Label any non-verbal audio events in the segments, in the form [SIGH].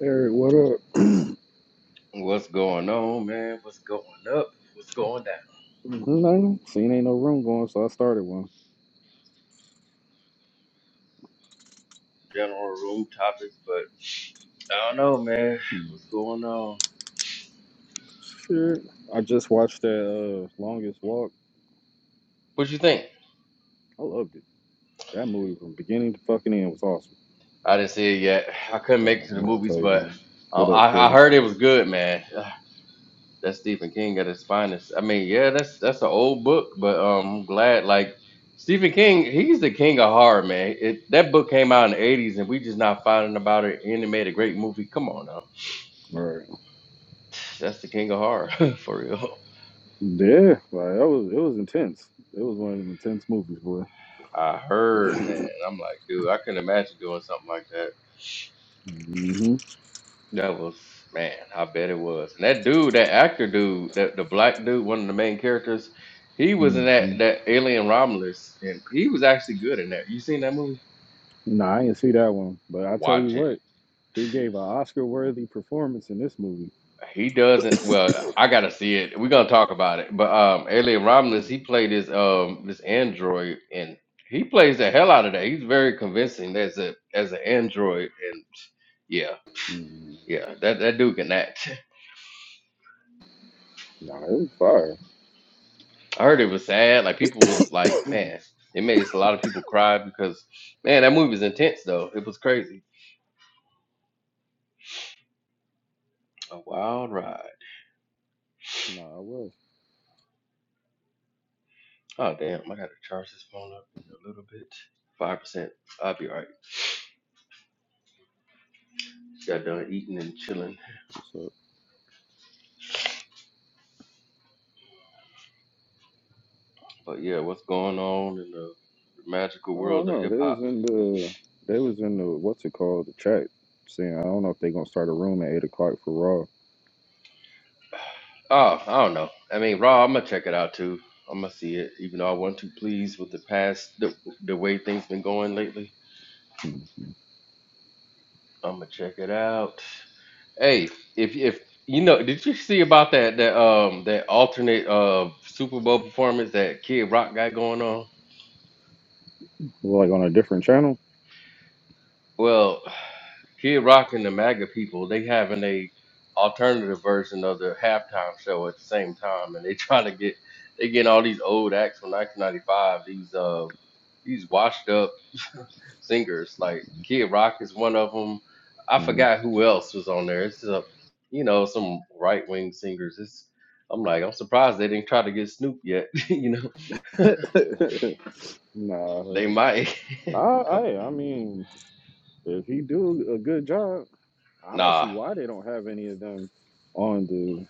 Eric, what up? What's going on, man? What's going up? What's going down? Nothing. Seen ain't no room going, so I started one. General room topics, but I don't know, man. What's going on? Shit. I just watched that uh, longest walk. What you think? I loved it. That movie from beginning to fucking end was awesome. I didn't see it yet. I couldn't make it Uh, to I the ain't gonna movies, tell you but nothing. I, What up, I I Philly? heard it was good, man. [SIGHS] Ugh, That's Stephen King at his finest. I mean, yeah, that's that's an old book, but um, I'm glad like Stephen King, he's the king of horror, man. It, that book came out in the '80s, and we just not finding about it. And it made a great movie. Come on now, All right. [SIGHS] that's the king of horror [LAUGHS] for real. Yeah, like that was it was intense. It was one of them intense movies, boy. I heard, man. I'm like, dude, I couldn't imagine doing something like that. hmm That was, man, I bet it was. And that dude, that actor dude, that the black dude, one of the main characters, he was in hmm that that Alien Romulus, and he was actually good in that. You seen that movie? Nah, I didn't see that one, but I tell you Watch it. what, he gave an Oscar-worthy performance in this movie. He doesn't. Well, I gotta see it. We're gonna talk about it. But um, Alien Romulus, he played this um this android, and he plays the hell out of that. He's very convincing as a as an android, and yeah, Mm. yeah, that that dude can act. [LAUGHS] Nah, it was fire. I heard it was sad. Like people was like, [CLEARS THROAT] man, it made a lot of people cry because, man, that movie was intense though. It was crazy. A wild ride. nah, I was. Oh damn, I gotta charge this phone up in a little bit. Five percent. I'll be alright. Got done eating and chilling. But yeah, what's going on in the magical I world don't of know. hip They was hop? in the they was in the what's it called the chat saying I don't know if they gonna start a room at eight o'clock for Raw. Oh, I don't know. I mean, Raw. I'm gonna check it out too. I'm gonna see it, even though I wasn't too pleased with the past, the, the way things been going lately. Hmm. I'm gonna check it out. Hey, if if you know, did you see about that that um that alternate uh Super Bowl performance that Kid Rock got going on? Like on a different channel. Well, Kid Rock and the MAGA people they having a alternative version of the halftime show at the same time, and they [LAUGHS] trying to get they getting all these old acts from 1995, these uh these washed up singers. Like Kid Rock is one of them. I hmm forgot who else was on there. It's a, you know, some right wing singers. It's I'm like I'm surprised they didn't try to get Snoop yet. [LAUGHS] you know, [LAUGHS] nah, they might. I, [LAUGHS] Come, I I mean if he do a good job, I don't nah, see why they don't have any of them on the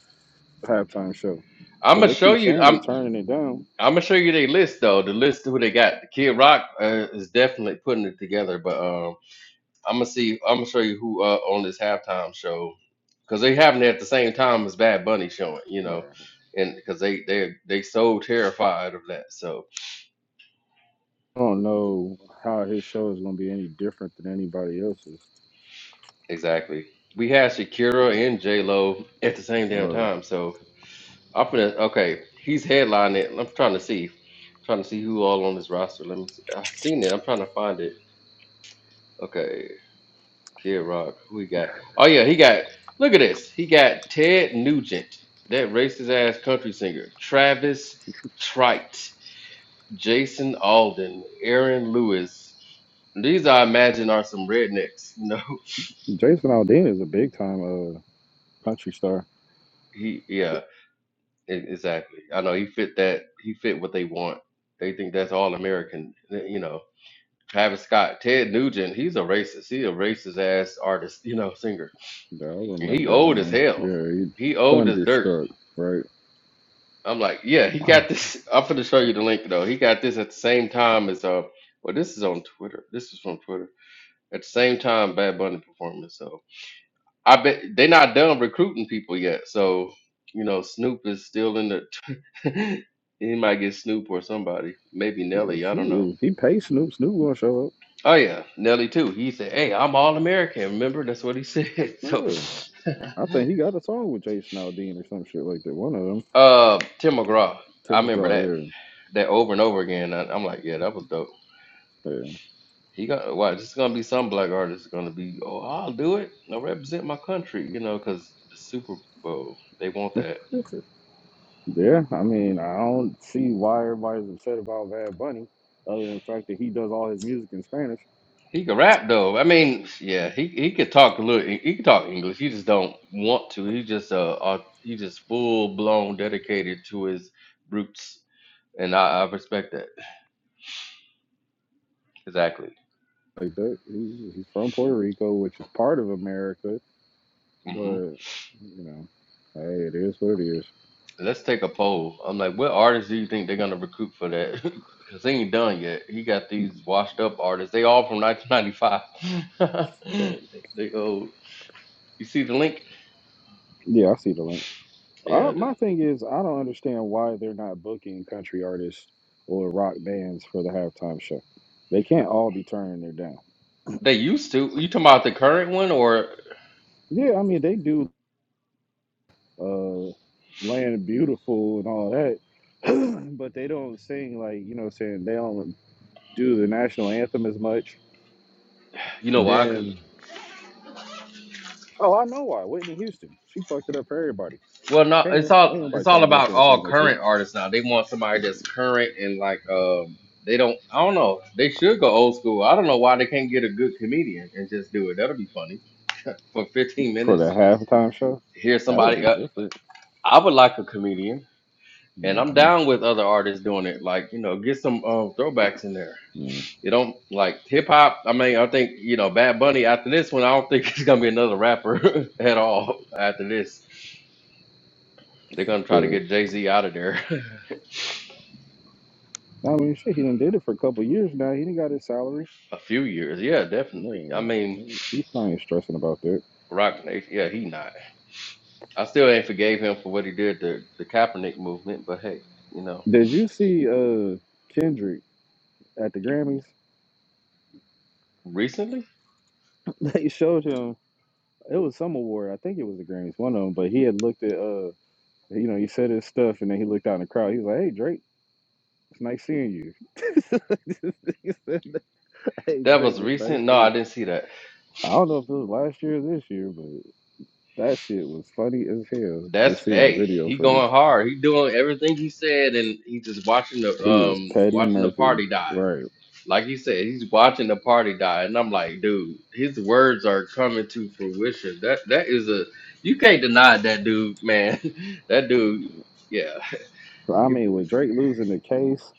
halftime show I'm because gonna they show keep you. saying they I'm turning it down. I'm gonna show you their list though. The list of who they got. Kid Rock uh, is definitely putting it together, but um, I'm gonna see. I'm gonna show you who uh, on this halftime show because they having it at the same time as Bad Bunny showing. You know, Bruh. and because they they they so terrified of that. So I don't know how his show is gonna be any different than anybody else's. Exactly. We had Shakira and J Lo at the same damn Right. time. So I'm finna okay. He's headlining it. I'm trying to see. trying to see who all on this roster. Let me see. I seen it. I'm trying to find it. Okay. Kid Rock. Who he got? Oh yeah, he got look at this. He got Ted Nugent, that racist ass country singer. Travis Trite, Jason Alden, Aaron Lewis. These I imagine are some rednecks. You know, Jason Aldean is a big time. uh, country star. [LAUGHS] he yeah. E- Exactly. I know he fit that. He fit what they want. They think that's all American. You know, Travis Scott, Ted Nugent. He's a racist. He a racist ass artist. You know, singer. Yeah, I And he remember old as him. hell. Yeah, he He old as dirt. thunderstruck, right? I'm like, yeah, he [CLEARS THROAT] got this. [LAUGHS] I'm finna show you the link though. He got this at the same time as uh. Well, this is on Twitter. This is from Twitter. At the same time, Bad Bunny performance. So I bet they not done recruiting people yet. So you know, Snoop is still in the. [LAUGHS] He might get Snoop or somebody. Maybe So Nelly. I don't know. Snoop, if he pays Snoop, Snoop gonna show up. Oh yeah, Nelly too. He said, "Hey, I'm all American." Remember that's what he said. [LAUGHS] So, Yeah. I think he got a song with Jason Aldean or some shit like that. One of them, uh, Tim McGraw. I Tim remember that McGraw. that over and over again. I, I'm like, yeah, that was dope. Yeah, He got why? This is gonna be some black artist is gonna be. Oh, I'll do it. I represent my country, you know, because the Super Bowl they want that. yeah. [LAUGHS] yeah. I mean, I don't see why everybody's upset about Bad Bunny, other than the fact that he does all his music in Spanish. He could rap though. I mean, yeah, he he could talk a little. He could talk English. He just don't want to. He just uh, uh he just full blown dedicated to his roots, and I, I respect that exactly. Like that, he's, he's from Puerto Rico, which is part of America, hmm but you know, hey, it is what it is. Let's take a poll. I'm like, what artists do you think they're gonna recruit for that? [LAUGHS] Cause they ain't done yet. He got these washed up artists. They all from 1995. So. [LAUGHS] they old. You see the link? Yeah, I see the link. I Yeah, don't, th- my thing is, I don't understand why they're not booking country artists or rock bands for the halftime show. They can't all be turning their down. they used to. You talking about the current one, or Yeah, I mean they do uh, "Land Beautiful" and all that, [CLEARS THROAT] but they don't sing like you know, what I'm saying they don't do the national anthem as much. you know And why? then, oh, I know why Whitney Houston. She fucked it up for everybody. Well, no, Ain't, it's ain't all nobody it's trying all to get up about there and all sing that shit current artists now. They want somebody that's current and like um they don't I don't know. They should go old school. I don't know why they can't get a good comedian and just do it. That'll be funny. For 15 for the minutes, halftime show. hear That would somebody be uh, different. I would like a comedian and I'm hmm down with other artists doing it. Like, you know, get some um throwbacks in there. You don't like hip hop. I mean, I think, you know, Bad Bunny after this one, I don't think [LAUGHS] it's going to be another rapper [LAUGHS] at all after this. They're going to try to get Jay-Z out of there. [LAUGHS] I mean, shit, he done did it for a couple years now. He done got his salary. A few years, yeah, definitely. I Yeah, mean, he- he's not even stressing about that. Rock Nation, yeah, he not. I still ain't forgave him for what he did to the Kaepernick movement, but hey, you know, Did you see uh Kendrick at the Grammys? [LAUGHS] recently They showed him. It was some award. I think it was the Grammys, one of them. But he had looked at uh, you know, he said his stuff, and then he looked out in the crowd. He was like, "Hey, Drake." It's nice seeing you. [LAUGHS] He said that, hey that Drake, was it's nice recent. No, seeing I you." didn't see that. I don't know if it was last year or this year, but that shit was funny as hell. That's Just seeing the hey, video he footage. going hard. He doing everything he said, and he just watching the He is um Patty watching the Murphy. party die. right? Like he said, he's watching the party die, and I'm like, dude, his words are coming to fruition. That that is a you can't deny that dude, man. [LAUGHS] that dude, yeah, So, I he, mean, with Drake losing the case,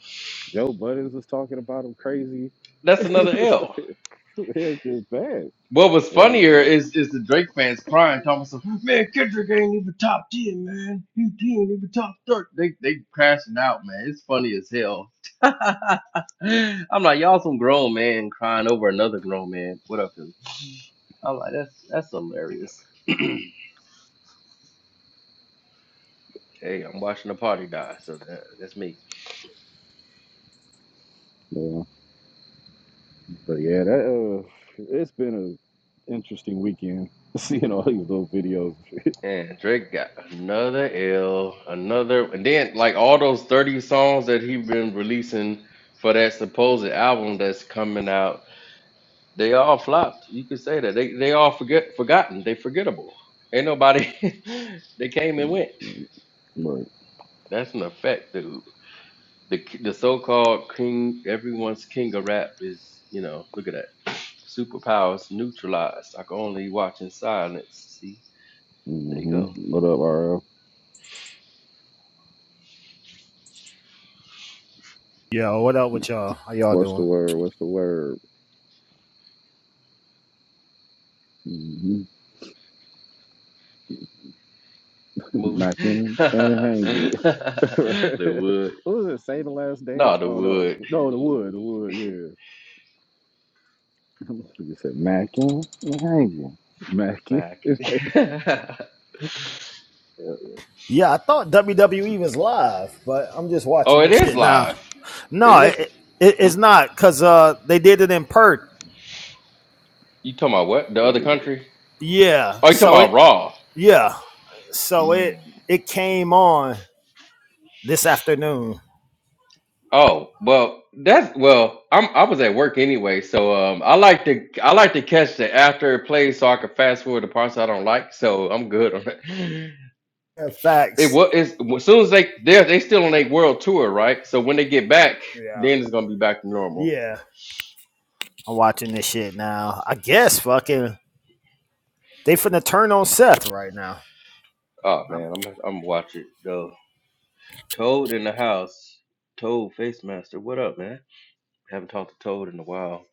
Joe Buttons was talking about him crazy. [LAUGHS] that's it another was like, L. [LAUGHS] it was just bad. What was It was funnier bad. is is the Drake fans crying, talking about, some, man, Kendrick ain't even top ten, man. He, he ain't even top thirty. They they crashing out, man. It's funny as hell. [LAUGHS] I'm like, y'all some grown man crying over another grown man. What up, Philly? I'm like, that's that's hilarious. [CLEARS THROAT] hey, I'm watching the party die, so that, that's me. Yeah. But yeah, that uh, it's been an interesting weekend [LAUGHS] seeing all these little videos. And Drake got another L, another, and then like all those 30 songs that he been releasing for that supposed album that's coming out. They all flopped. You could say that. They they all forget forgotten. They forgettable. Ain't nobody [LAUGHS] they came and went. But That's an effect, dude. The the so called king everyone's king of rap is, you know, look at that. Superpowers neutralized. I can only watch in silence. See? There you hmm go. what up, RL? Yo, what up with y'all? How y'all What's the doing? word? What's the word? Mm-hmm. [LAUGHS] Movie. Mac [LAUGHS] and and the hangry. [LAUGHS] wood. what was it? Say the last No, dance? the Oh no, wood. no, the wood, the wood. yeah. Nigga said Mackin, and hanging, Mackin. Back. [LAUGHS] Hell yeah. Yeah, I thought WWE was live, but I'm just Oh, watching it this is shit now. live. No, It is. it, it, Hmm? it's not because uh, they did it in Perth. You talking about what? The other country? Yeah, Oh, you talking so it about Raw? yeah, so Mm. it it came on this afternoon. Oh, well, that's well. I'm I was at work anyway, so um, I like to I like to catch the after it plays so I can fast forward the parts I don't like. So I'm good on it. [LAUGHS] Yeah, It Facts. was as soon as they they they still on their world tour, right? So when they get back, Yeah, then it's gonna be back to normal. yeah. I'm watching this shit now. I guess fucking they finna turn on Seth right now. Oh I'm, man, I'm I'm watching though. Toad in the house. Toad Face Master, what up, man? Haven't talked to Toad in a while.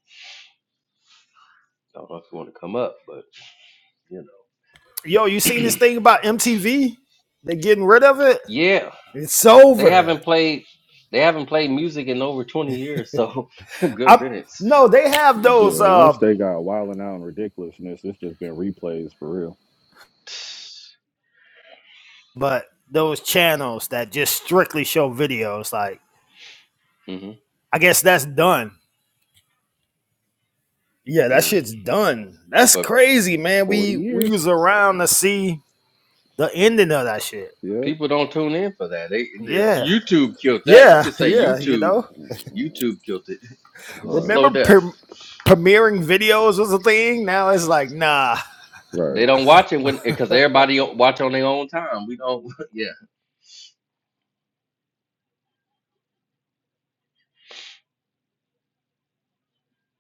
I don't know if you want to come up, but you yo, you seen know. this [CLEARS THROAT] thing about MTV? They getting rid of it. Yeah. It's They over. haven't played they haven't played music in over 20 years, so [LAUGHS] good I'm riddance. no, they have those Yeah, once uh they got wilding out and ridiculousness, it's just been replays for real. but those channels that just strictly show videos like hmm I guess that's done. Yeah, that mm shit's done. That's But crazy, man. Forty We we years. was around to see the ending of that shit. Yep. people don't tune in for that. They it's Yeah. YouTube killed that. You Yeah, could [LAUGHS] say yeah, you YouTube know. YouTube killed it. [LAUGHS] It was a Right. slow Remember death. pre- premiering videos was a thing? Now it's like, nah. They Right. don't watch it when because everybody o- watch on their own time. We don't. [LAUGHS] Yeah,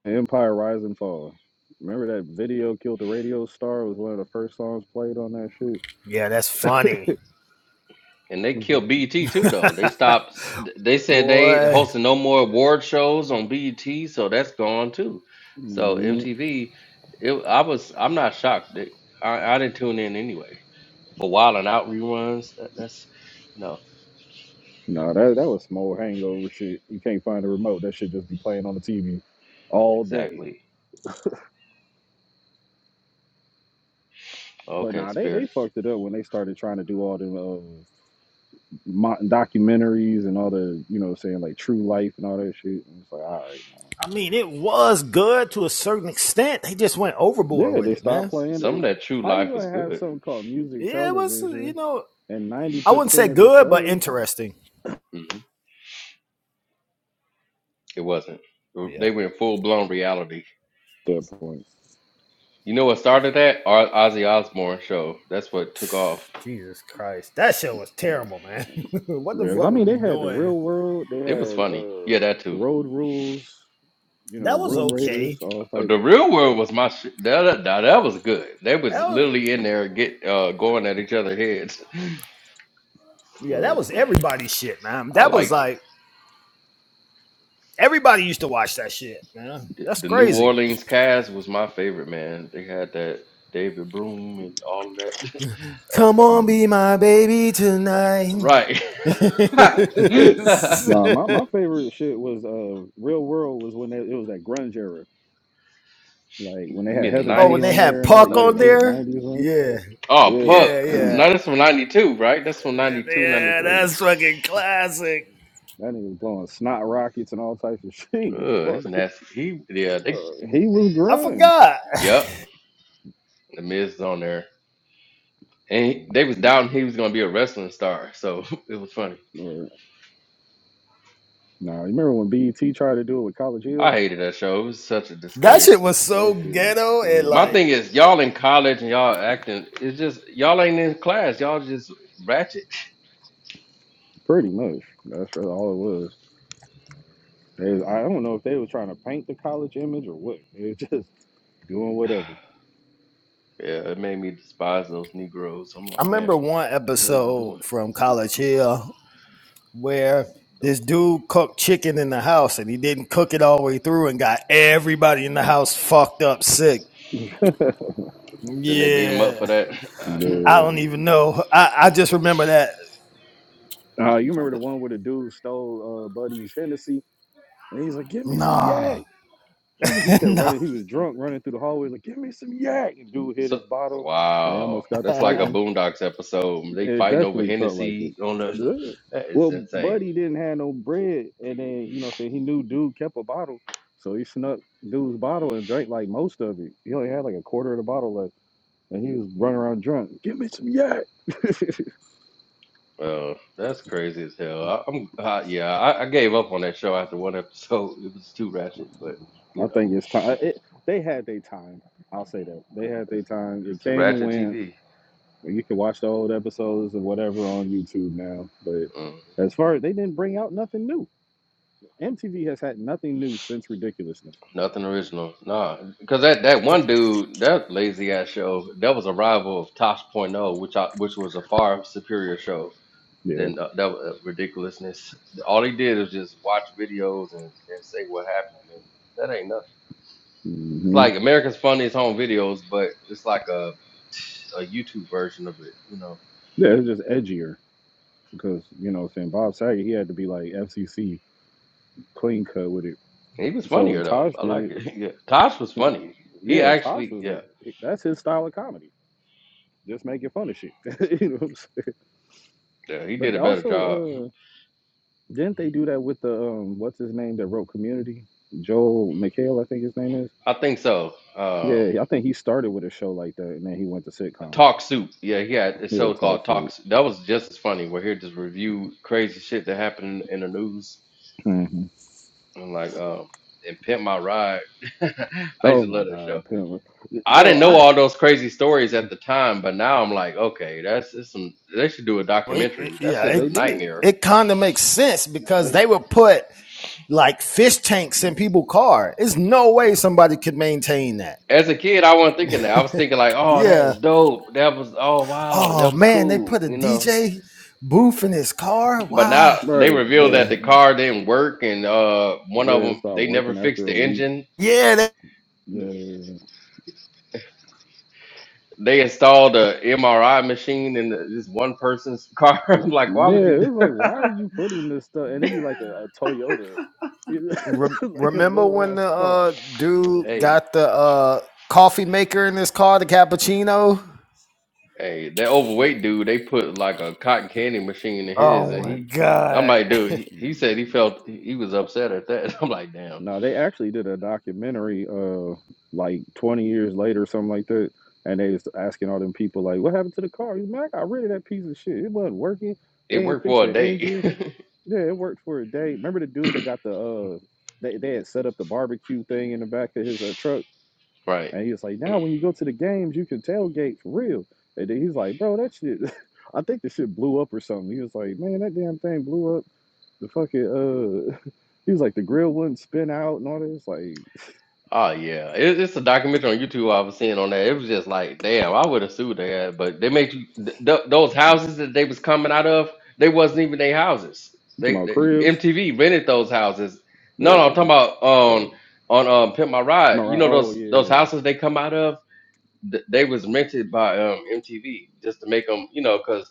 Empire Rise and Fall. Remember that video killed the radio star was one of the first songs played on that shit. Yeah, that's funny. And they killed BET too, [LAUGHS] though. They stopped. They said they ain't Boy, hosting no more award shows on BET, so that's gone too. So hmm MTV, it, I was. I'm not shocked. That I, I didn't tune in anyway for Wild and Out reruns. That, that's you know No, that that was some old hangover shit. You can't find a remote. That shit just be playing on the TV all day. exactly. But Okay, nah, they, Spirit. they fucked it up when they started trying to do all them uh, mo- documentaries and all the you know saying like true life and all that shit. And it's like, all right, I mean, it was good to a certain extent. They just went man. overboard Yeah, with they it, man. stopped S- playing. Some of it. that True How you Life was gonna have good. something called music Yeah, it was, you television know, and ninety I wouldn't say percent of the good, but shows? interesting. hmm It wasn't. Yeah. They were in full blown reality. At that point, You know what started that? Our Ozzy Osbourne show. That's what took off. Jesus Christ. That shit was terrible, man. [LAUGHS] what the Whereas, I fuck were mean, we they had the doing? Real World, they It was had funny. uh Yeah, that too. Road Rules, you know, That was Room Raiders, okay. all type. The real world was my shit. That, that that that was good. They That was was literally in there get uh going at each other heads. yeah, Right. that was everybody's shit, man. [LAUGHS] I That was like like everybody used to watch that shit, man. th- That's the New crazy. Orleans cast was my favorite man. They had that David Broom and all of that. [LAUGHS] that was Come funny, on, be my baby tonight. right? [LAUGHS] you Nah, my, [LAUGHS] my favorite shit was uh Real World was when they, it was that grunge era, like when they had mean the Heather oh, B and they on nineties, there had and all. Puck Yeah, ninety on like two? the there? nineties ones. Yeah, Oh, Yeah, yeah, Puck. yeah. No, that's from ninety two, right? That's from ninety two, ninety Yeah, three. that's fucking classic. That nigga was blowing snot rockets and all types of shit. [LAUGHS] He 93. didn't give Ugh, a it's fuck. nasty. He yeah, they [LAUGHS] He was I grunge. forgot. [LAUGHS] yep. The Miz is on there. and he- they was Mhm. doubting he was gonna be a wrestling star. So [LAUGHS] it was funny. Word. Nah, you remember when BET tried to do it with College I Hill? hated that show. It was such a That shit disgrace. was so That shit was ghetto and My crazy. like thing is, y'all in college and y'all acting. It's just y'all ain't in class. Y'all just ratchet. [LAUGHS] pretty much. That's really all it was. They was- I don't know if they was trying to paint the college image or what. They were [LAUGHS] just doing whatever. Yeah, it made me despise those Negroes. I'm I like, man, what remember one the hell y'all episode doing, from Negroes? College Hill where Those- this dude cooked chicken in the house and he didn't cook it all the way through and got everybody in the house fucked up sick. [LAUGHS] Then they beat them up Yeah. for that. [LAUGHS] Uh, I But, don't even know. I, I just remember that. uh, you remember the the- one where the dude stole uh, Buddy's Hennessy and he's like, "Give me some Nah. yak." He was, he [LAUGHS] kept nah. running. He was drunk, running through the hallway, like, "Give me some yak!" And dude hit so, his bottle, and they wow, almost got to that's like a fighting. Boondocks episode. They It fighting over definitely felt like Hennessy it. on the. Good. [LAUGHS] That is Well, insane. Buddy didn't have no bread, and then you know, say he knew dude kept a bottle, so he snuck dude's bottle and drank like most of it. He only had like a quarter of the bottle left, and he was running around drunk. Give me some yak. [LAUGHS] Well, that's crazy as hell. I, I'm, uh, yeah, I, I gave up on that show after one [LAUGHS] episode. It was too ratchet, but you I know, think it's time. It, they had their time. I'll say that they had their time. It it's the came and ratchet went. TV. You can watch the old episodes and whatever on YouTube now. But Mm, as far as they didn't bring out nothing new. MTV has had nothing new since Ridiculousness. nothing original, nah. Because that that one dude, that lazy ass show, that was a rival of Tosh Point oh, which I, which was a far superior show Yeah. than uh, that was, uh, ridiculousness. All he did was just watch videos and, and say what happened, and that ain't nothing. It's hmm like America's Funniest Home Videos, but it's like a a YouTube version of it, you know. Yeah, it's just edgier because, you know, what I'm saying Bob Saget, he had to be like FCC clean cut with it. He was So funnier when though. Tosh I did like it, it. [LAUGHS] Yeah. Tosh was funny. He yeah, Tosh actually, yeah, was, that's his style of comedy. Just making fun of shit. [LAUGHS] you know what I'm saying? yeah, he did But a better job. also, uh, didn't they Mhm. do that with the, um, what's his name that wrote Community? Joel McHale, I think his name is I think so. Um, Yeah, I think he started with a show like that, and then he went to sitcoms. Talk Soup. Yeah, he had a Yeah, show talk called Talk. shit. Soup. That was just as funny. Where he just reviewed crazy shit that happened in the news hmm and like um and pimp my ride. [LAUGHS] I used Oh to my love that show. god, Pimp. I didn't bro, know I all those crazy stories at the time, but now I'm like, okay, that's, that's some. They should do a Well, it- it- documentary. That yeah, shit is they a it, it, did nightmare. it kind of makes sense because they, they would put like fish tanks in people's car. It's no way somebody could maintain that. As a kid, I wasn't thinking that. bro, I was thinking like, "Oh, that Yeah. is dope. That was oh wow, Oh that was man, they cool," put a you know. DJ booth in his car. But Wow. now they bro, revealed like Yeah. that the car didn't work, and uh, one of yeah, them start they never working fixed after the a week. engine. Yeah. That, Yeah, They installed a MRI machine in the, this one person's car. [LAUGHS] I'm like, why yeah, would you it do? [LAUGHS] was like, why are you putting this stuff? And it'd be like a, a Toyota, [LAUGHS] Rem- like a remember little when ass the car. uh, dude Hey, got the uh, coffee maker in his car, the cappuccino? hey, that overweight dude, they put like a cotton candy machine in his, Oh and my he, I'm god. like, dude, [LAUGHS] he, he said he Mm. felt he was upset at that. [LAUGHS] I'm like, damn, No, they actually did a documentary uh like 20 years later or something like that. And they was asking all them people like, what happened to the car? He's like, I got rid of that piece of shit. It wasn't working. it They ain't worked fixed for the a day, engine. [LAUGHS] Yeah, it worked for a day. Remember the dude that got the uh they, they had set up the barbecue thing in the back of his uh, truck right? and he was like, Now when you go to the games, you can tailgate for real. And then he's like, Bro, that shit [LAUGHS] I think the shit blew up or something. He was like, Man, that damn thing blew up the fucking uh [LAUGHS] he was like the grill wouldn't spin out and all this. Like Oh yeah, it, it's a documentary on YouTube I was seeing on that. It was just like, damn, I would have sued that, but they make you th- th- those houses that they was coming out of. They wasn't even their houses. You talking They, about they cribs? MTV rented those houses. No, no, I'm talking Yeah. about So, on on um Pimp My am I Ride. You right? know Oh those those yeah. houses they come out of. Th- they was rented by um MTV just to make them, you know, because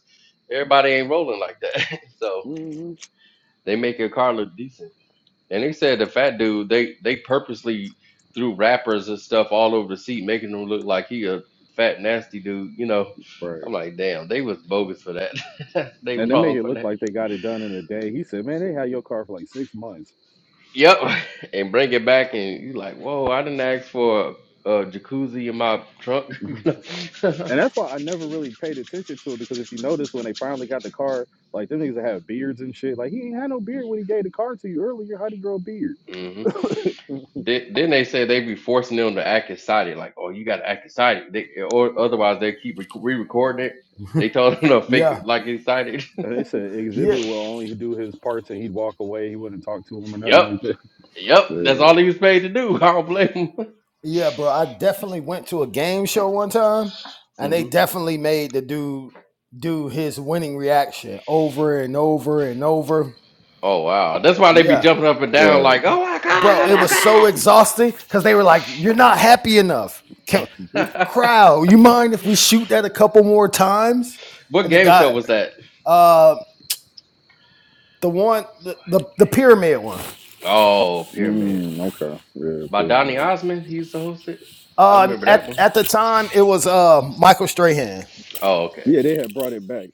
everybody ain't rolling like that. [LAUGHS] so hmm they make your car look decent. And they said the fat dude, they they purposely threw wrappers and stuff all over the seat, making him look like he a fat nasty dude. You know, Right. I'm like, damn, they was bogus for that. [LAUGHS] they And they make wrong it for look that. like they got it done in a day. He said, "Man, they had your car for like six months." Yep, [LAUGHS] and bring it back, and you like, whoa, I didn't ask for a, a jacuzzi in my trunk. [LAUGHS] And mm-hmm. that's why I never really paid attention to it because if you notice when they finally got the car, like them niggas that have beards and shit. Like he ain't had no beard when he gave the car to you earlier. How'd he grow a beard? then, then they say they be forcing them to act excited, like, oh, you got to act excited, they, or otherwise they keep re recording it. They told them to fake yeah. it like excited. And they said Yeah. exhibit will only do his parts and he'd walk away. He wouldn't talk to him or [LAUGHS] nothing Yep. like that. [LAUGHS] Yep, that's all Yeah. he was paid to do. [LAUGHS] I don't blame him. Yeah, bro. I definitely went to a game show one time, and they hmm definitely made the dude do his winning reaction over and over and over. Oh wow, that's why they be Yeah. jumping up and down like, Right. "Oh my bro it was so god, oh exhausting because they were like you're not happy enough Can, my god." crowd you mind if we shoot that a couple more times [LAUGHS] what and the game guy show was that? uh the one the the, the pyramid one Oh, Pyramid Mm, okay. Yeah, by Donny period. Osmond. He used to host it. I uh remember that at, one. at the time it was uh michael strahan Oh, okay. Yeah, they had brought it back.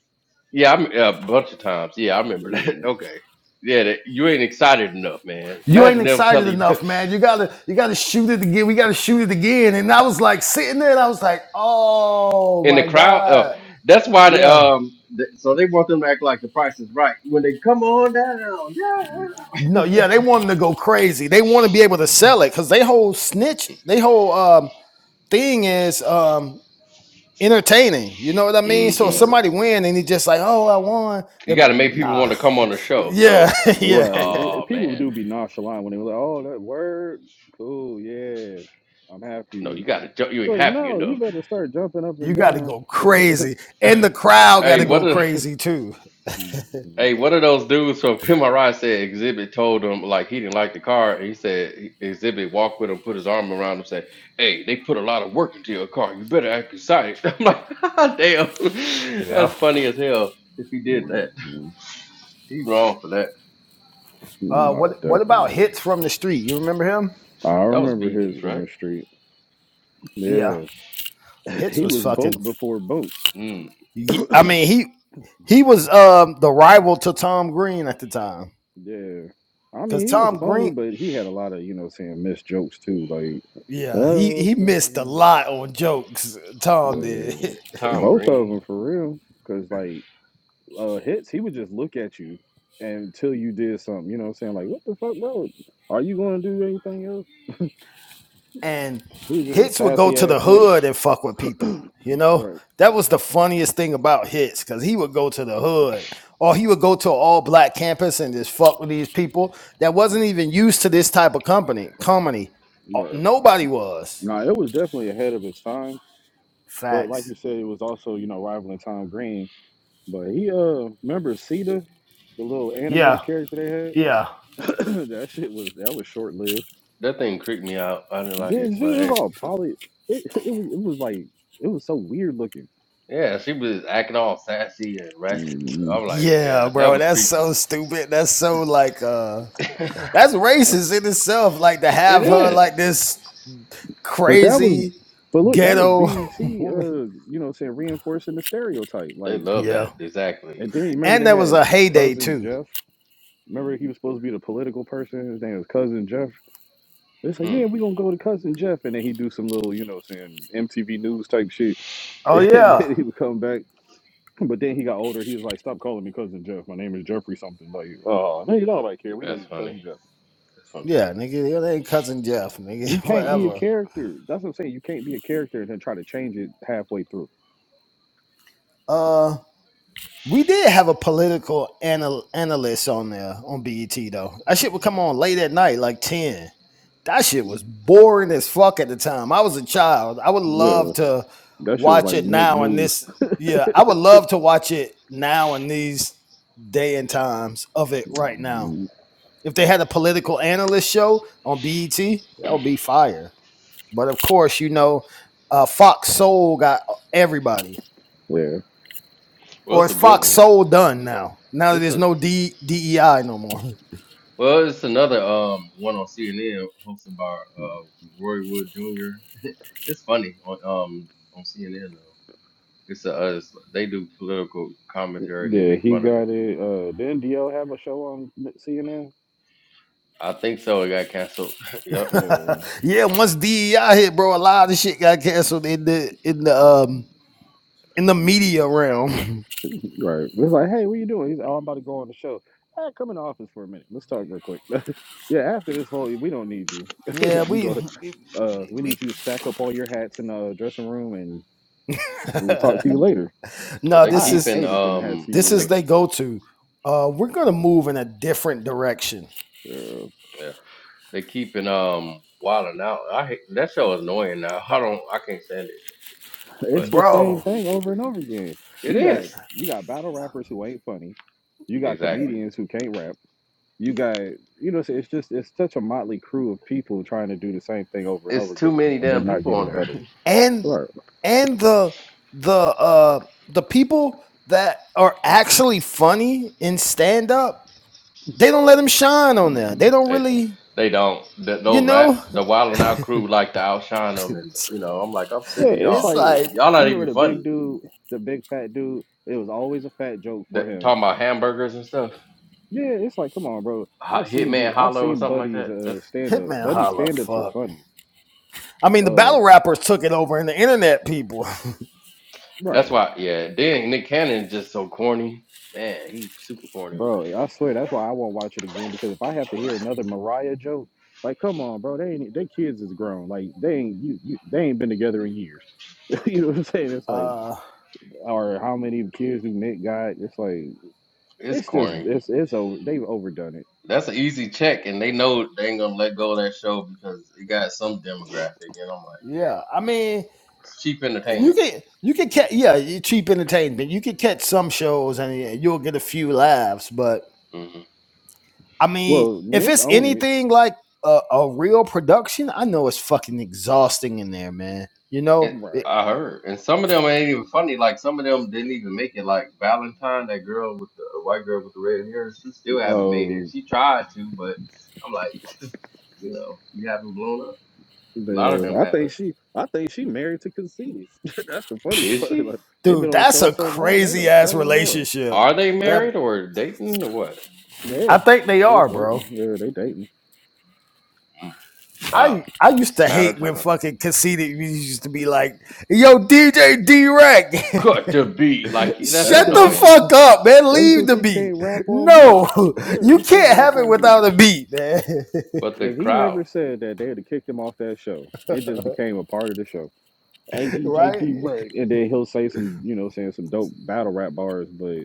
Yeah, I'm yeah, a bunch of times. Yeah, I remember that. [LAUGHS] Yeah. Okay. Yeah, that, you ain't excited enough, man. you ain't Imagine them excited telling you that. enough man you gotta you gotta shoot it again we gotta shoot it again and i was like sitting there and i was like [LAUGHS] oh in the my crowd. Uh, god that's why the yeah um. The, so they want them to act like the price is right when they come on down. no, yeah, they want 'em to go crazy. They want to be able to sell it because they whole snitch, they whole um thing is um entertaining. You know what I mean? So if Yeah. Right. somebody win and he just like, oh, I won. You got to Then, make people want nah, to come on the [LAUGHS] show. So, yeah, [LAUGHS] yeah. Right. oh People man, do be nonchalant when they were like, "Oh, that word, cool, yeah, I'm no, happy." you got to. You ain't But happy no, you enough. better start jumping up You and got to down. go crazy, and the crowd got Hey, to what? go Are, [LAUGHS] crazy too. hmm hey, what are those dudes from [LAUGHS] PMRI said Exhibit told him like he didn't like the car. And he said Exhibit walked with him, put his arm around him, said, "Hey, they put a lot of work into your car. You better act excited." [LAUGHS] I'm like, [LAUGHS] damn, Yeah. that's funny as hell. If he did that, hmm he wrong for that. Uh, No, what what about definitely. hits from the street? You remember him? I That was remember his BT, from right? the street. Yeah, Yeah, [LAUGHS] hits he was was fucking. bunk before bunk. Mm, I mean he he was um the rival to Tom Green at the time Yeah, I because mean he was Tom funny, Green. but he had a lot of you know what I'm saying missed jokes too. Like, Yeah, he he missed a okay, lot on jokes. Tom did. [LAUGHS] yeah. Tom both of Green. them for real. Cause like uh, hits, he would just look at you until you did something. You know what I'm saying? Like, what the fuck, bro? Are you going to do anything else? and He's just a hits would go sassy to the ass nigga. hood and fuck with people. [CLEARS THROAT] You know, Right, that was the funniest thing about hits because he would go to the hood or he would go to an all black campus and just fuck with these people that wasn't even used to this type of company comedy. Uh, right. Nobody was. Nah, it was definitely ahead of its time, but like you Facts. said, it was also you know rivaling Tom Green. But he uh, remember Sita, the little animated Yeah. character Yeah. they had. [CLEARS THROAT] that shit was that was short lived. That thing creeped me out. I didn't like it, Did but it hey. was all poly. It it was it was like it was so weird looking. Yeah, she was acting all sassy and ratchet. So Mhm. I'm like, Yeah, yeah, that bro, was that's creepy. so stupid. That's so like uh [LAUGHS] that's racist in itself. Like to It have her is. like this But that was, crazy but look, that was ghetto BET. woman. [LAUGHS] Uh, you know, what I'm saying reinforcing the stereotype. They Like, love Yeah. that. and Exactly. then you remember And they that was had a heyday cousin too. Jeff. Remember he was supposed to be the political person. His name was cousin Jeff. It's like, Hmm. yeah, we gonna go to cousin Jeff, and then he do some little, you know, what I'm saying MTV News type shit, [LAUGHS] Oh and yeah. then he would come back. But then he got older. He was like, "Stop calling me cousin Jeff. My name is Jeffrey something." Like, oh, no, you don't like care. We know That's you're funny. cousin Jeff. That's Yeah, nigga, your name cousin Jeff, nigga, You [LAUGHS] funny. can't be a Mm. forever. character. That's what I'm saying. You can't be a character and then try to change it halfway through. Uh, we did have a political anal- analyst on there on BET though. That shit would come on late at night, like ten. That shit was boring as fuck at the time. I was a child. I would Yeah. love to That shit was watch like it Nick now in News, this. Yeah, I would love to watch it now in these day and times of it right now. If they had a political analyst show on BET, that [CLEARS THROAT] would be fire. But of course, you know, uh, Fox Soul got everybody, where Well, or it's is a good Fox one. Soul done now? Now that It's there's a no D, DEI no more. well, it's another um one on CNN hosted by uh Roy Wood Jr. [LAUGHS] It's funny on um on CNN though. It's a uh, it's, they do political commentary and they yeah make he fun of it. got it. Uh, didn't DL have a show on CNN? I think so. It got canceled. [LAUGHS] yep. Yeah, [LAUGHS] yeah, once DEI hit, bro, a lot of this shit got canceled in the in the um in the media realm. right. It was like, hey, what you doing? He's, like, oh, I'm about to go on the show. Hey, come in the office for a minute. Let's talk real quick. [LAUGHS] yeah, after this whole, we don't need you. [LAUGHS] [LAUGHS] yeah, you we. go. we, Uh, we we need you to stack up all your hats in the dressing room, and we'll [LAUGHS] talk to you later. But no, they this I is keeping hated them hats um he this they is wore. they keep. go to. Uh, we're gonna move in a different direction, Yeah. yeah. They keeping um wilding out. I hate that show is annoying now. [LAUGHS] I don't I can't stand it. It's But the same bro. thing over and over again. it You got is. you got battle rappers who ain't funny. You got Exactly. comedians who can't rap. You got you know it's just it's such a motley crew of people trying to do the same thing over and over It's too again, many and they're damn not people on getting there. better. and Right. and the the uh the people that are actually funny in stand up they don't let them shine on there they Yeah, [LAUGHS] don't they really they don't th- you those rap know the wilding out crew like to outshine them and you know, I'm like, I'm sick of it's it's like y'all. you like Y'all not remember even the big funny. dude, the big fat dude. It was always a fat joke for That him. talking about hamburgers and stuff. Yeah, it's like come on, bro. Hot I've seen Hitman dude. I've Hollow or seen something like Buddy's that. That's uh stand ups. hitman Buddy holla stand ups are fuck funny. i mean the Uh, battle rappers took it over and the internet people right. that's why yeah, then Nick Cannon is just so corny. Man, he's super corny on Bro, I swear that's why I won't watch it again because if I have to hear another Mariah joke, like come on, bro, they ain't they kids is grown. Like they ain't you, you they ain't been together in years. [LAUGHS] you know what I'm saying? [LAUGHS] It's like uh or how many kids do Nick got? It's like this. It's it's just corny. it's it's over they've overdone it. That's an easy check, and they know they ain't gonna let go of that show because it got some demographic, and I'm like, yeah damn, i mean it's cheap you entertainment. can you can catch yeah cheap entertainment you can catch some shows and yeah, you'll get a few laughs but hmm I mean, Well, if Nick it's own it. anything like a, a real production, I know it's fucking exhausting in there, man. You know, It, It- Right. I heard, and some of them ain't even funny. Like some of them didn't even make it. Like Valentine, that girl with the uh, white girl with the red hair, she still haven't made it. Oh She tried to, but I'm like, [LAUGHS] you know, you haven't blown up. A lot of there. them I think haven't. she I think she married to conceited. [LAUGHS] that's the funny Is part. [LAUGHS] she? Like they've been dude, on the that's show a so long, they crazy done ass fell in love. relationship. Are they That Right. married or dating or what? Yeah, I think they they was are, bro. dating. Yeah, they dating. Mm, Wow, I I used it's a to matter of hate when time. fucking conceited used to be like, "Yo, DJ D Rack, Cut [LAUGHS] the beat, like that's That's shut because the he. annoying. fuck up, man. That's Leave because the he beat. can't rap on beat. No, [LAUGHS] Yeah, you he can't can't rap have it on beat. without a beat, man. But the If he crowd, never said that, they'd have kicked him off that show. It just became a part of the show. Hey, DJ [LAUGHS] D J right? D-Rag. And then he'll say some, you know, saying some dope battle rap bars, but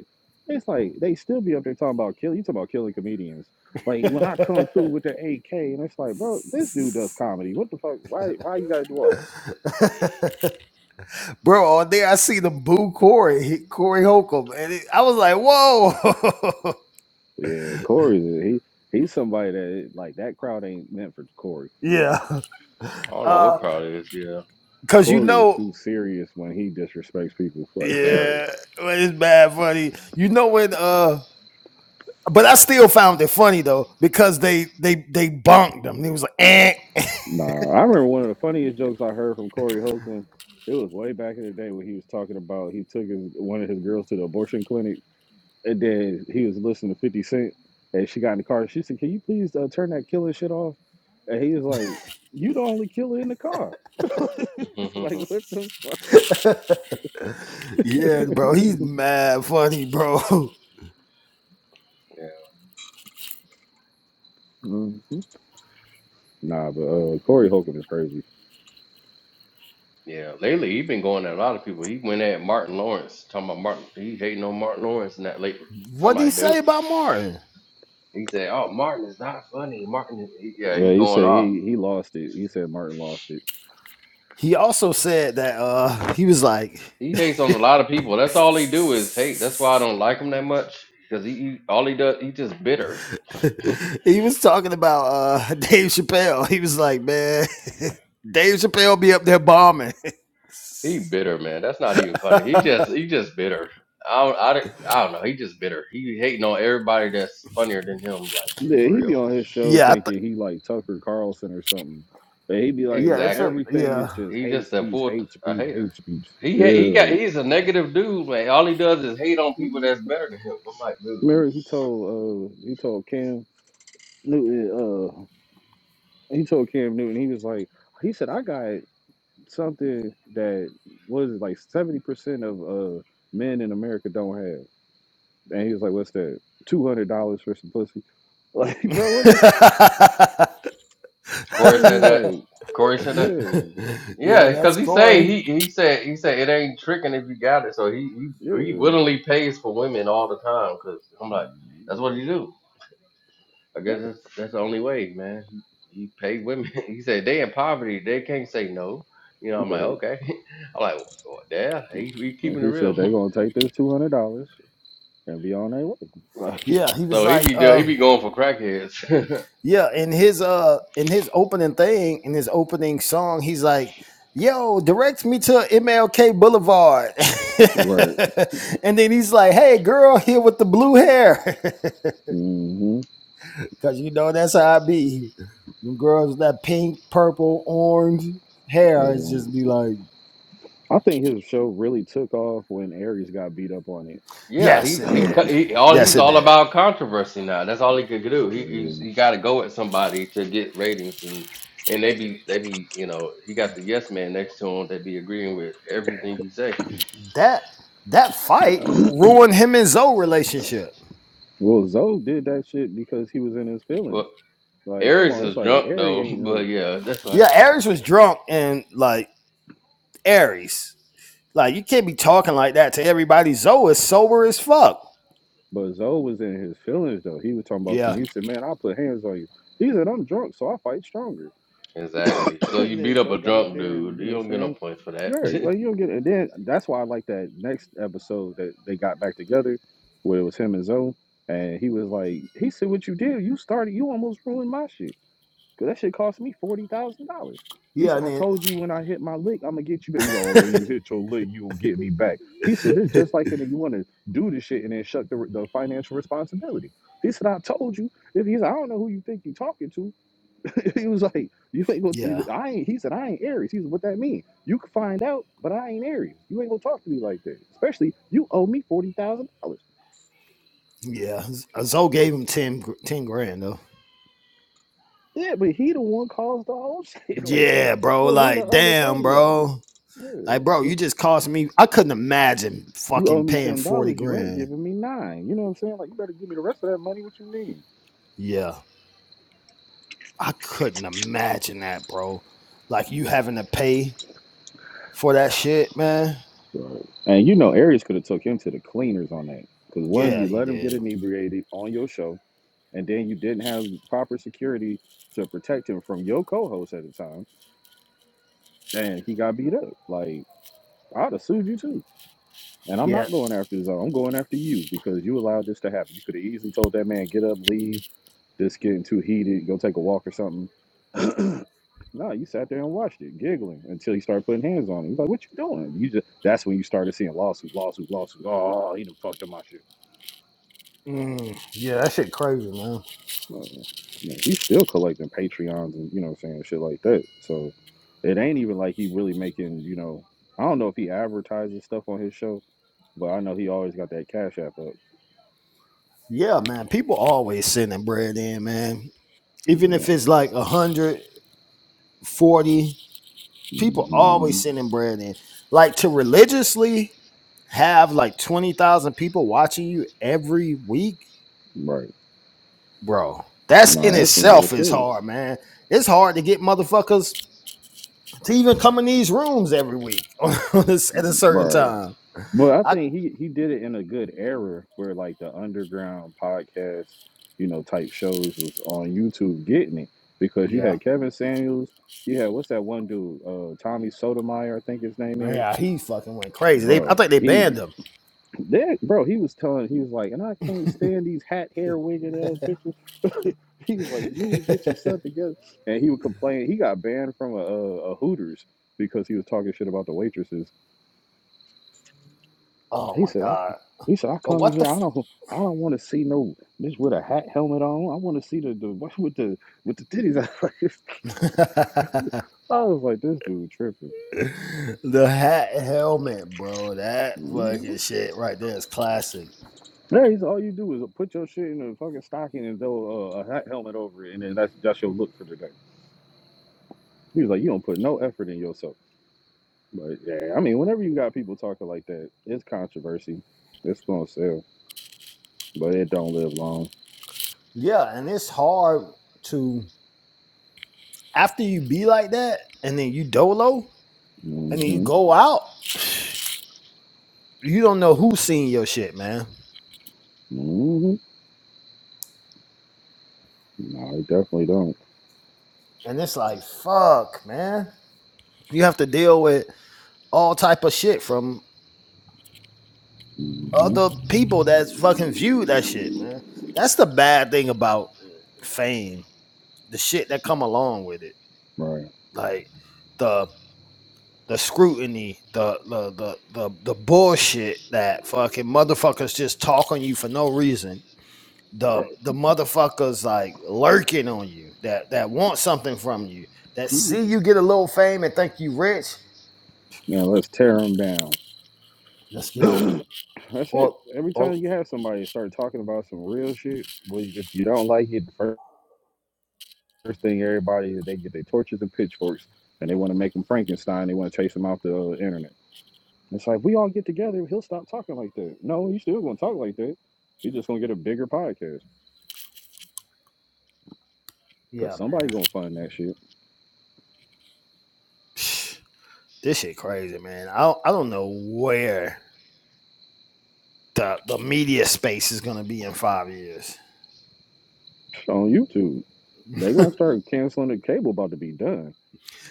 it's like they still be up there talking about killing. You talking about killing comedians. Like when I come through with the AK, and it's like, bro, this dude [LAUGHS] does comedy. What the fuck? Why? Why you gotta do all that? Bro, on there I see the boo Corey, Corey Holcomb, and it, I was like, "Whoa, Yeah, Corey's he. He's somebody that like that crowd ain't meant for Corey. [LAUGHS] yeah," I don't know what crowd it is. Yeah, because you Corey is know, too serious when he disrespects people. [LAUGHS] Like, very. yeah, well, it's bad funny. You know when, uh, but I still found it funny though because they they they bonked him. He was like, eh. Nah, I remember one of the funniest jokes I heard from Corey Holcomb. It was way back in the day when he was talking about he took his one of his girls to the abortion clinic, and then he was listening to Fifty Cent, and she got in the car. She said, "Can you please uh, turn that killing shit off?" And he was like, "You the only killer in the car." [LAUGHS] [LAUGHS] It's yeah, like what the fuck? "Yeah, bro, he's mad funny, bro." [LAUGHS] Mhm. Nah, but uh, Corey Holcomb is crazy. yeah. Lately, he been going at a lot of people. He went at Martin Lawrence, talking about Martin. He hating on Martin Lawrence and that lately. I'm what did he like, say dude. about Martin? He said, "Oh, Martin is not funny. Martin, is, he, yeah, he's Well, he going said off. he he lost it. He said Martin lost it. He also said that uh he was like. He hates on a lot of people. That's all he do is hate. That's why I don't like him that much because he, he all he does he just bitter. [LAUGHS] he was talking about uh [LAUGHS] Dave Chappelle. He was like, man, [LAUGHS] Dave Chappelle be up there bombing. [LAUGHS] He bitter, man. That's not even funny. He just he just bitter. I don't, I, don't- I don't know. He just bitter. He hating on everybody that's funnier than him. Like Yeah, for he be real. on his show yeah, I thinking th- he like Tucker Carlson or something. But he be yeah, like, it's a Exactly. everything is yeah. just He hate just a speech, full hate a speech, hater. hate speech. He Yeah, ha- he got like, he's a negative dude. man. all he does is hate on people that's better than him. I'm like, dude. remember he told uh he told Cam Newton uh he told Cam Newton he was like he said I got something that was like seventy percent of uh men in America don't have, and he was like, what's that? Two hundred dollars for some pussy. [LAUGHS] Like, bro, what the? F-? Corey They said was that. like, Corey said that. yeah, [LAUGHS] yeah, Yeah, that's because he say Corey. he he said he said it ain't tricking if you got it. So he he, he yeah. willingly pays for women all the time. Cause I'm like, that's what he do. I guess that's that's the only way, man. He, he paid women. [LAUGHS] He said they in poverty, they can't say no. You know, I'm like, Right. okay. [LAUGHS] I'm like, well, yeah, he, he And keeping it she real. [LAUGHS] said they gonna take this two hundred dollars and be on their way. Like, Yeah, he was So he like, be do- he uh, be going for crackheads. [LAUGHS] yeah, in his uh in his opening thing, in his opening song, he's like, yo, direct me to MLK Boulevard. [LAUGHS] right. [LAUGHS] and then he's like, hey girl, here with the blue hair. [LAUGHS] hmm Cause you know that's how I be. Them girls with that pink, purple, orange hair is Yeah. just be like, I think his show really took off when Aries got beat up on yeah, yes, he, it he it. [CLEARS THROAT] co- did. he all Yes, he's it all did. about controversy now. That's all he could do. He he's, Yeah. he got to go at somebody to get ratings, and and they be they be you know he got the yes man next to him that be agreeing with everything he say. That that fight ruined him and Zoe relationship. Well, Zoe did that shit because he was in his feelings. Well, Like, come Aries on, it's is like drunk Aries though, [LAUGHS] ain't but no, yeah, that's what happened. Yeah, Aries was drunk and like Aries. Like you can't be talking like that to everybody. Zoe is sober as fuck. but Zoe was in his feelings though. He was talking about some. Yeah. He said, "Man, I put hands on you." He said, "I'm drunk, so I fight stronger." exactly. [COUGHS] [CLEARS THROAT] So you and beat then up a Zoe got up drunk there and dude, you you know don't get no saying, points for "You're that. [LAUGHS] like you don't get." It. And then that's why I like that next episode that they got back together, where it was him and Zoe, and he was like, "He said what you did. You started. You almost ruined my shit. Cause that shit cost me forty thousand dollars." He Yeah, said, and "I then told you when I hit my lick, I'm gonna get you." back." He's all, "When you hit your lick, you will get me back." He said, "This just like that. You want to do this shit and then shut the the financial responsibility." He said, "I told you." If he's, like, I don't know who you think you're talking to. [LAUGHS] he was like, you ain't gonna. He yeah. said, I ain't. He said, I ain't Aries. He said, what that mean? You can find out, but I ain't Aries. You ain't gonna talk to me like that. Especially you owe me forty thousand dollars. Yeah. Zoe gave him 10, 10 grand though. Yeah, but he the one caused the whole [LAUGHS] shit. Like, Yeah, bro. where where the Like, other damn, thirty at? bro. Like, Yeah. bro, you just cost me. I couldn't imagine You owe fucking me paying ten 40 dollars. You ain't grand. giving me nine. You know what I'm saying? Like, you better give me the rest of that money. What you mean? Yeah. I couldn't imagine that, bro. Like, you having to pay for that shit, man. Right. And you know, Aries could have took him to the cleaners on that. Because one, Yeah, you he let him get did. inebriated on your show, and then you didn't have proper security to protect him from your co-host at the time. and he got beat up. Like I'd have sued you too. And I'm Yeah. not going after his own. I'm going after you because you allowed this to happen. You could have easily told that man get up, leave. This getting too heated. Go take a walk or something. [CLEARS THROAT] no, you sat there and watched it, giggling until he started putting hands on him. He's like, "What you doing?" You just that's when you started seeing lawsuit, lawsuit, lawsuit. Oh, he done fucked up my shit. Mm, yeah, that shit crazy, man. Well, Man, he's still collecting Patreons and you know what I'm saying shit like that. So it ain't even like he really making you know. I don't know if he advertises stuff on his show, But I know he always got that cash app up. Yeah, man. People always sending bread in, man. Even Yeah. if it's like 140, people always hmm sending bread in. Like, to religiously have like 20,000 people watching you every week Right. bro. That's in Nah, that's some real itself is shit. hard, man. It's hard to get motherfuckers to even come in these rooms every week [LAUGHS] at a Mhm. certain Right. time. But I I think he he did it in a good era where like the underground podcast, you know, type shows was on YouTube getting it because you yeah, had Kevin Samuels, you had what's that one dude, uh, Tommy Sotomayor, I think his name is. man, he fucking went crazy. They, I Bro, think they he banned him. that bro, he was telling he was like, and I can't stand these hat hair wigging ass bitches. [LAUGHS] He was like, "You need to [LAUGHS] get your stuff together." And he would complain. He got banned from a, a, Hooters because he was talking shit about the waitresses. Oh He my said, "I," god. he said, "I But come in what the here. I don't, I don't want to see no bitch with a hat helmet on. I want to see the the what with the with the titties." f- [LAUGHS] I was like, "This dude tripping." [LAUGHS] the hat helmet, bro? That Mm-hmm. fucking shit right there is classic. Yeah, he's all you do is put your shit in a fucking stocking and throw a, a hat helmet over it, and then that's that's your look for the day. He was like, "You don't put no effort in yourself." But yeah, I mean, whenever you got people talking like that, it's controversy. It's gonna sell, but it don't live long. Yeah, and it's hard to after you be like that, and then you dolo, hmm and then you go out. you don't know who's seeing your shit, man. hmm No, it definitely don't. And it's like, fuck, man. You have to deal with all type of shit from hmm other people that's fucking viewed that shit, man. That's the bad thing about fame. The shit that [LAUGHS] come along with it. Right. Like the the scrutiny, the the the the, the bullshit that fucking motherfuckers just talk on you for no reason the Right. the motherfuckers like lurking on you that that want something from you that see Mhm. you get a little fame and think you rich Now let's tear them down. just get on them [CLEARS THROAT] That's it. or Every or time you have somebody start talking about some real shit, well, if you don't like it, the fir- first thing everybody is they get their torches and pitchforks and they want to make them Frankenstein. They want to chase them off the uh, internet. It's like we all get together, he'll stop talking like that. No, he's still gonna talk like that. He's just gonna get a bigger podcast because yeah man somebody gonna find that shit this shit crazy man i don't, i don't know where the the media space is going to be in 5 years on YouTube. They gonna start canceling the cable. About to be done.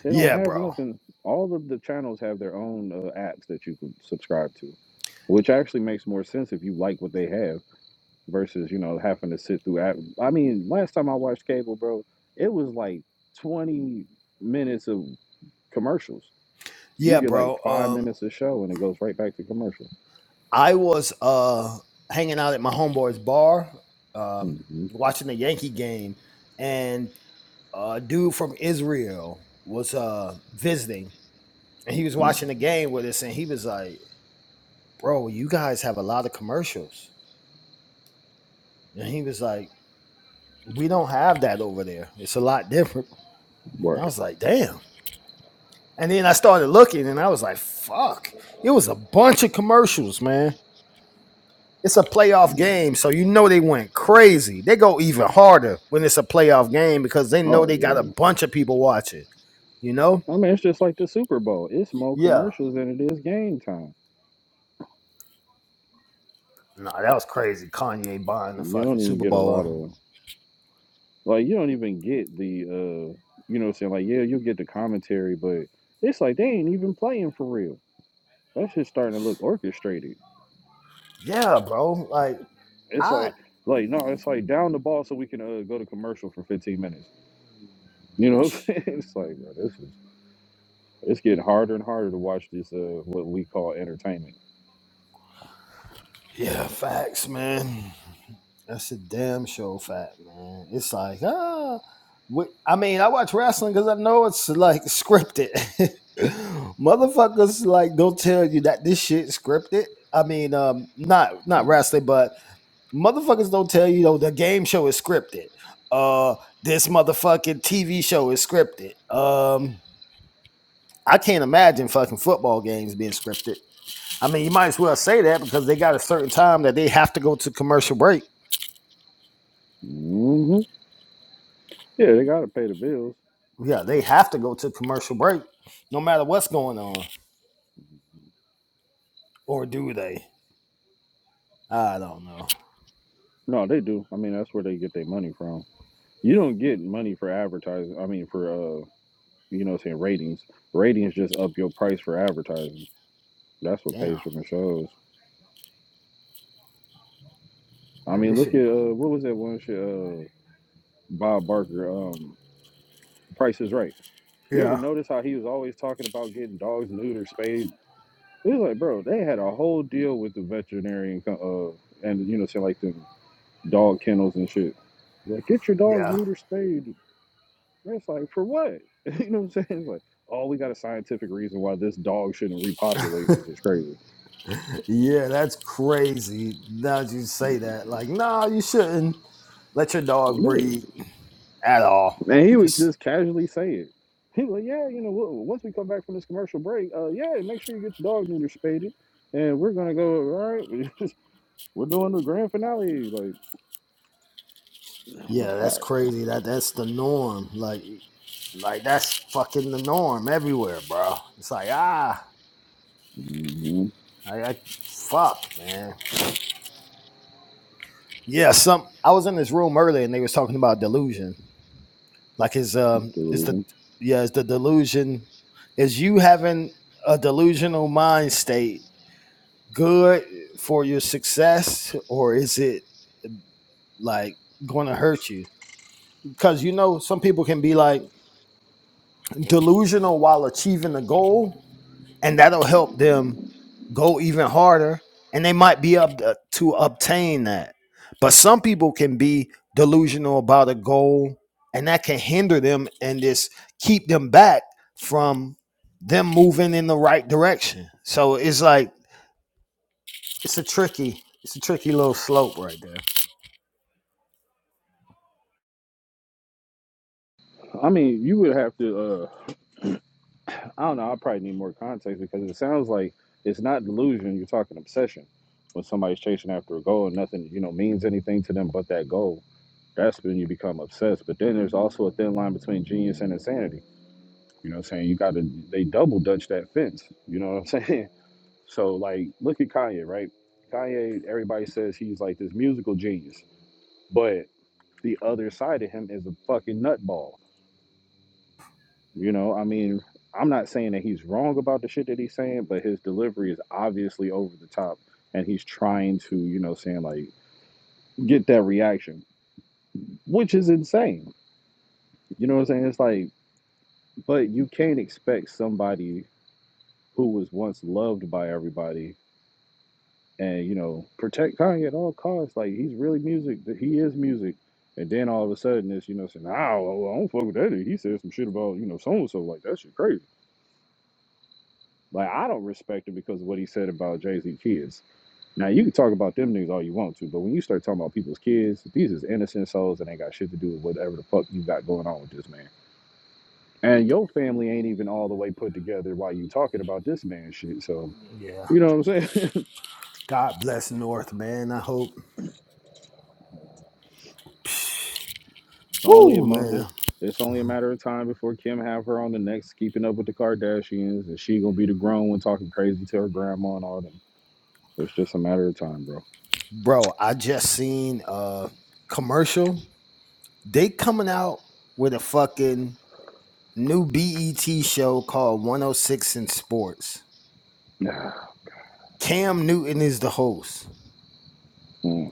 They don't yeah have bro nothing. All of the channels have their own uh, apps that you can subscribe to, which actually makes more sense if you like what they have versus you know having to sit through app. I mean, last time I watched cable, bro, it was like twenty minutes of commercials You yeah get like bro five um minutes of show and it goes right back to commercial. i was uh hanging out at my homeboy's bar uh, hmm watching the yankee game and a dude from Israel was uh visiting and he was watching the game with us and he was like, Bro, you guys have a lot of commercials. And he was like, We don't have that over there. It's a lot different. And I Word. was like, damn. And then I started looking and I was like, fuck. It was a bunch of commercials, man. It's a playoff Mm. game, so you know they went crazy. They go even harder when it's a playoff game because they know Oh they got a yeah. bunch of people watching, you know? I mean, it's just like the Super Bowl. It's more Yeah. commercials than it is game time. No, nah, that was crazy. Kanye buying the You fucking don't even Super get a lot Bowl. of like. You don't even get the uh. You know, what I'm saying like, yeah, you get the commentary, but it's like they ain't even playing for real. That shit's starting to look orchestrated. Yeah, bro. Like, It's I. like, like no, it's like down the ball so we can uh, go to commercial for 15 minutes. You know, what I'm saying? [LAUGHS] it's like, bro, this is It's getting harder and harder to watch this, uh, what we call entertainment. Yeah, facts, man. That's a damn show fact, man. It's like, ah. I mean, I watch wrestling because I know it's like scripted. [LAUGHS] Motherfuckers like don't tell you that this shit is scripted. I mean, um, not not wrestling, but motherfuckers don't tell you though the game show is scripted. Uh, this motherfucking TV show is scripted. Um, I can't imagine fucking football games being scripted. I mean, you might as well say that because they got a certain time that they have to go to commercial break. hmm Yeah, they got to pay the bills. Yeah, they have to go to commercial break no matter what's going on. Or do they? I don't know. No, they do. I mean, that's where they get their money from. You don't get money for advertising. I mean, for, uh, you know, what I'm saying ratings. Ratings just up your price for advertising. That's what pays Damn. for the shows. I Yeah, mean, this look shit. at, uh, what was that one shit, uh, Bob Barker, um, Price is Right. You ever Yeah. notice how he was always talking about getting dogs neutered, spayed? It was like, bro, they had a whole deal with the veterinarian, co- uh, and you know, say like them. dog kennels and shit. Like, get your dog Yeah. neuter spayed. It's like, for what? [LAUGHS] you know what I'm saying? It's like, oh, we got a scientific reason why this dog shouldn't repopulate, which is crazy. Yeah, that's crazy. Now that you say that, like, no, nah, you shouldn't let your dog Yeah. breed at all. And he would Just just casually say it. He was like, yeah, you know, w- once we come back from this commercial break, uh, yeah, make sure you get your dog neuter spaded. And we're going to go, all right, [LAUGHS] we're doing the grand finale. Like, [SIGHS] I'm Yeah, like, all that's right. crazy. That that's the norm. Like, like that's fucking the norm everywhere, bro. It's like ah, Mhm, I, I fuck, man. Yeah, some. I was in this room earlier and they was talking about delusion. Like, is um, is the delusion. yeah, is the delusion, is you having a delusional mind state good for your success or is it like going to hurt you? Because you know, some people can be like delusional while achieving the goal, and that'll help them go even harder and they might be up to, to obtain that but some people can be delusional about a goal and that can hinder them and just keep them back from them moving in the right direction so it's like it's a tricky it's a tricky little slope right there I mean, you would have to. uh, I don't know. I probably need more context because it sounds like it's not delusion. You're talking obsession. When somebody's chasing after a goal and nothing, you know, means anything to them but that goal, that's when you become obsessed. But then there's also a thin line between genius and insanity. You know what I'm saying? You got to, they double dutch that fence. You know what I'm saying? [LAUGHS] So, like, look at Kanye, right? Kanye, everybody says he's like this musical genius, but the other side of him is a fucking nutball. You know, I mean, I'm not saying that he's wrong about the shit that he's saying, but his delivery is obviously over the top and he's trying to, you know, saying like get that reaction, which is insane. You know what I'm saying? It's like, but you can't expect somebody who was once loved by everybody and, you know, protect Kanye at all costs. Like he's really music, that he is music. And then all of a sudden it's, you know, saying, oh, I don't fuck with that. He said some shit about, you know, so and so. Like that shit crazy Like I don't respect him because of what he said about Jay Z kids. Now you can talk about them niggas all you want to, but when you start talking about people's kids, these is innocent souls that ain't got shit to do with whatever the fuck you got going on with this man. And your family ain't even all the way put together while you talking about this man shit. So yeah you know what I'm saying? god bless north man i hope [LAUGHS] it's only a Woo, man month. It's only a matter of time before Kim have her on the next Keeping Up with the Kardashians, and she gonna be the grown one talking crazy to her grandma and all them. It's just a matter of time, bro. bro i just seen a commercial they coming out with a fucking New BET show called 106 in Sports. [SIGHS] Cam Newton is the host. Mm.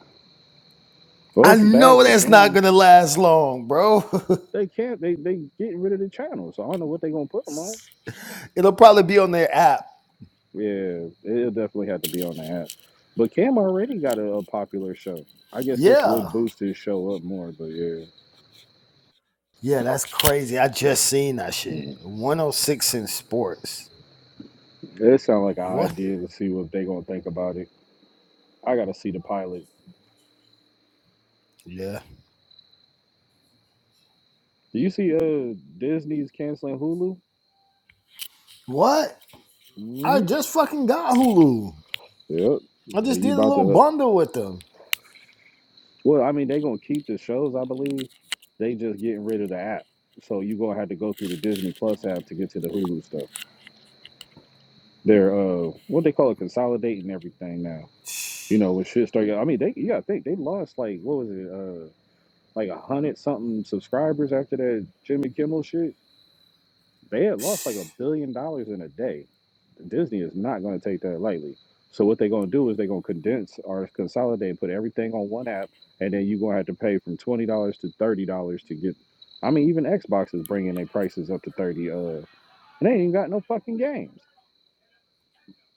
well, I it's a bag know for that's not Kim. gonna last long, bro. They can't. They they getting rid of the channel, so I don't know what they gonna put them on. [LAUGHS] It'll probably be on their app. Yeah, it'll definitely have to be on the app. But Cam already got a, a popular show. I guess this would Yeah. boost his show up more. But yeah, Yeah, that's crazy. I just seen that shit. Mm. 106 in sports. it sounds like an What? idea to see what they gonna think about it. I gotta see the pilot. Yeah. Do you see? Uh, Disney's canceling Hulu. What? hmm I just fucking got Hulu. Yep. I Well, just did you a about little to? bundle with them. Well, I mean, they gonna keep the shows, I believe. They just getting rid of the app, so you gonna have to go through the Disney Plus app to get to the Hulu stuff. They're uh, what they call it, consolidating everything now. You know, when shit started, I mean, they yeah, got think they lost like what was it, uh, like a hundred something subscribers after that Jimmy Kimmel shit. They had lost like a billion dollars in a day. Disney is not going to take that lightly. So what they're going to do is they're going to condense or consolidate, put everything on one app, and then you're going to have to pay from twenty dollars to thirty dollars to get. I mean, even Xbox is bringing their prices up to thirty. Uh, and they ain't even got no fucking games.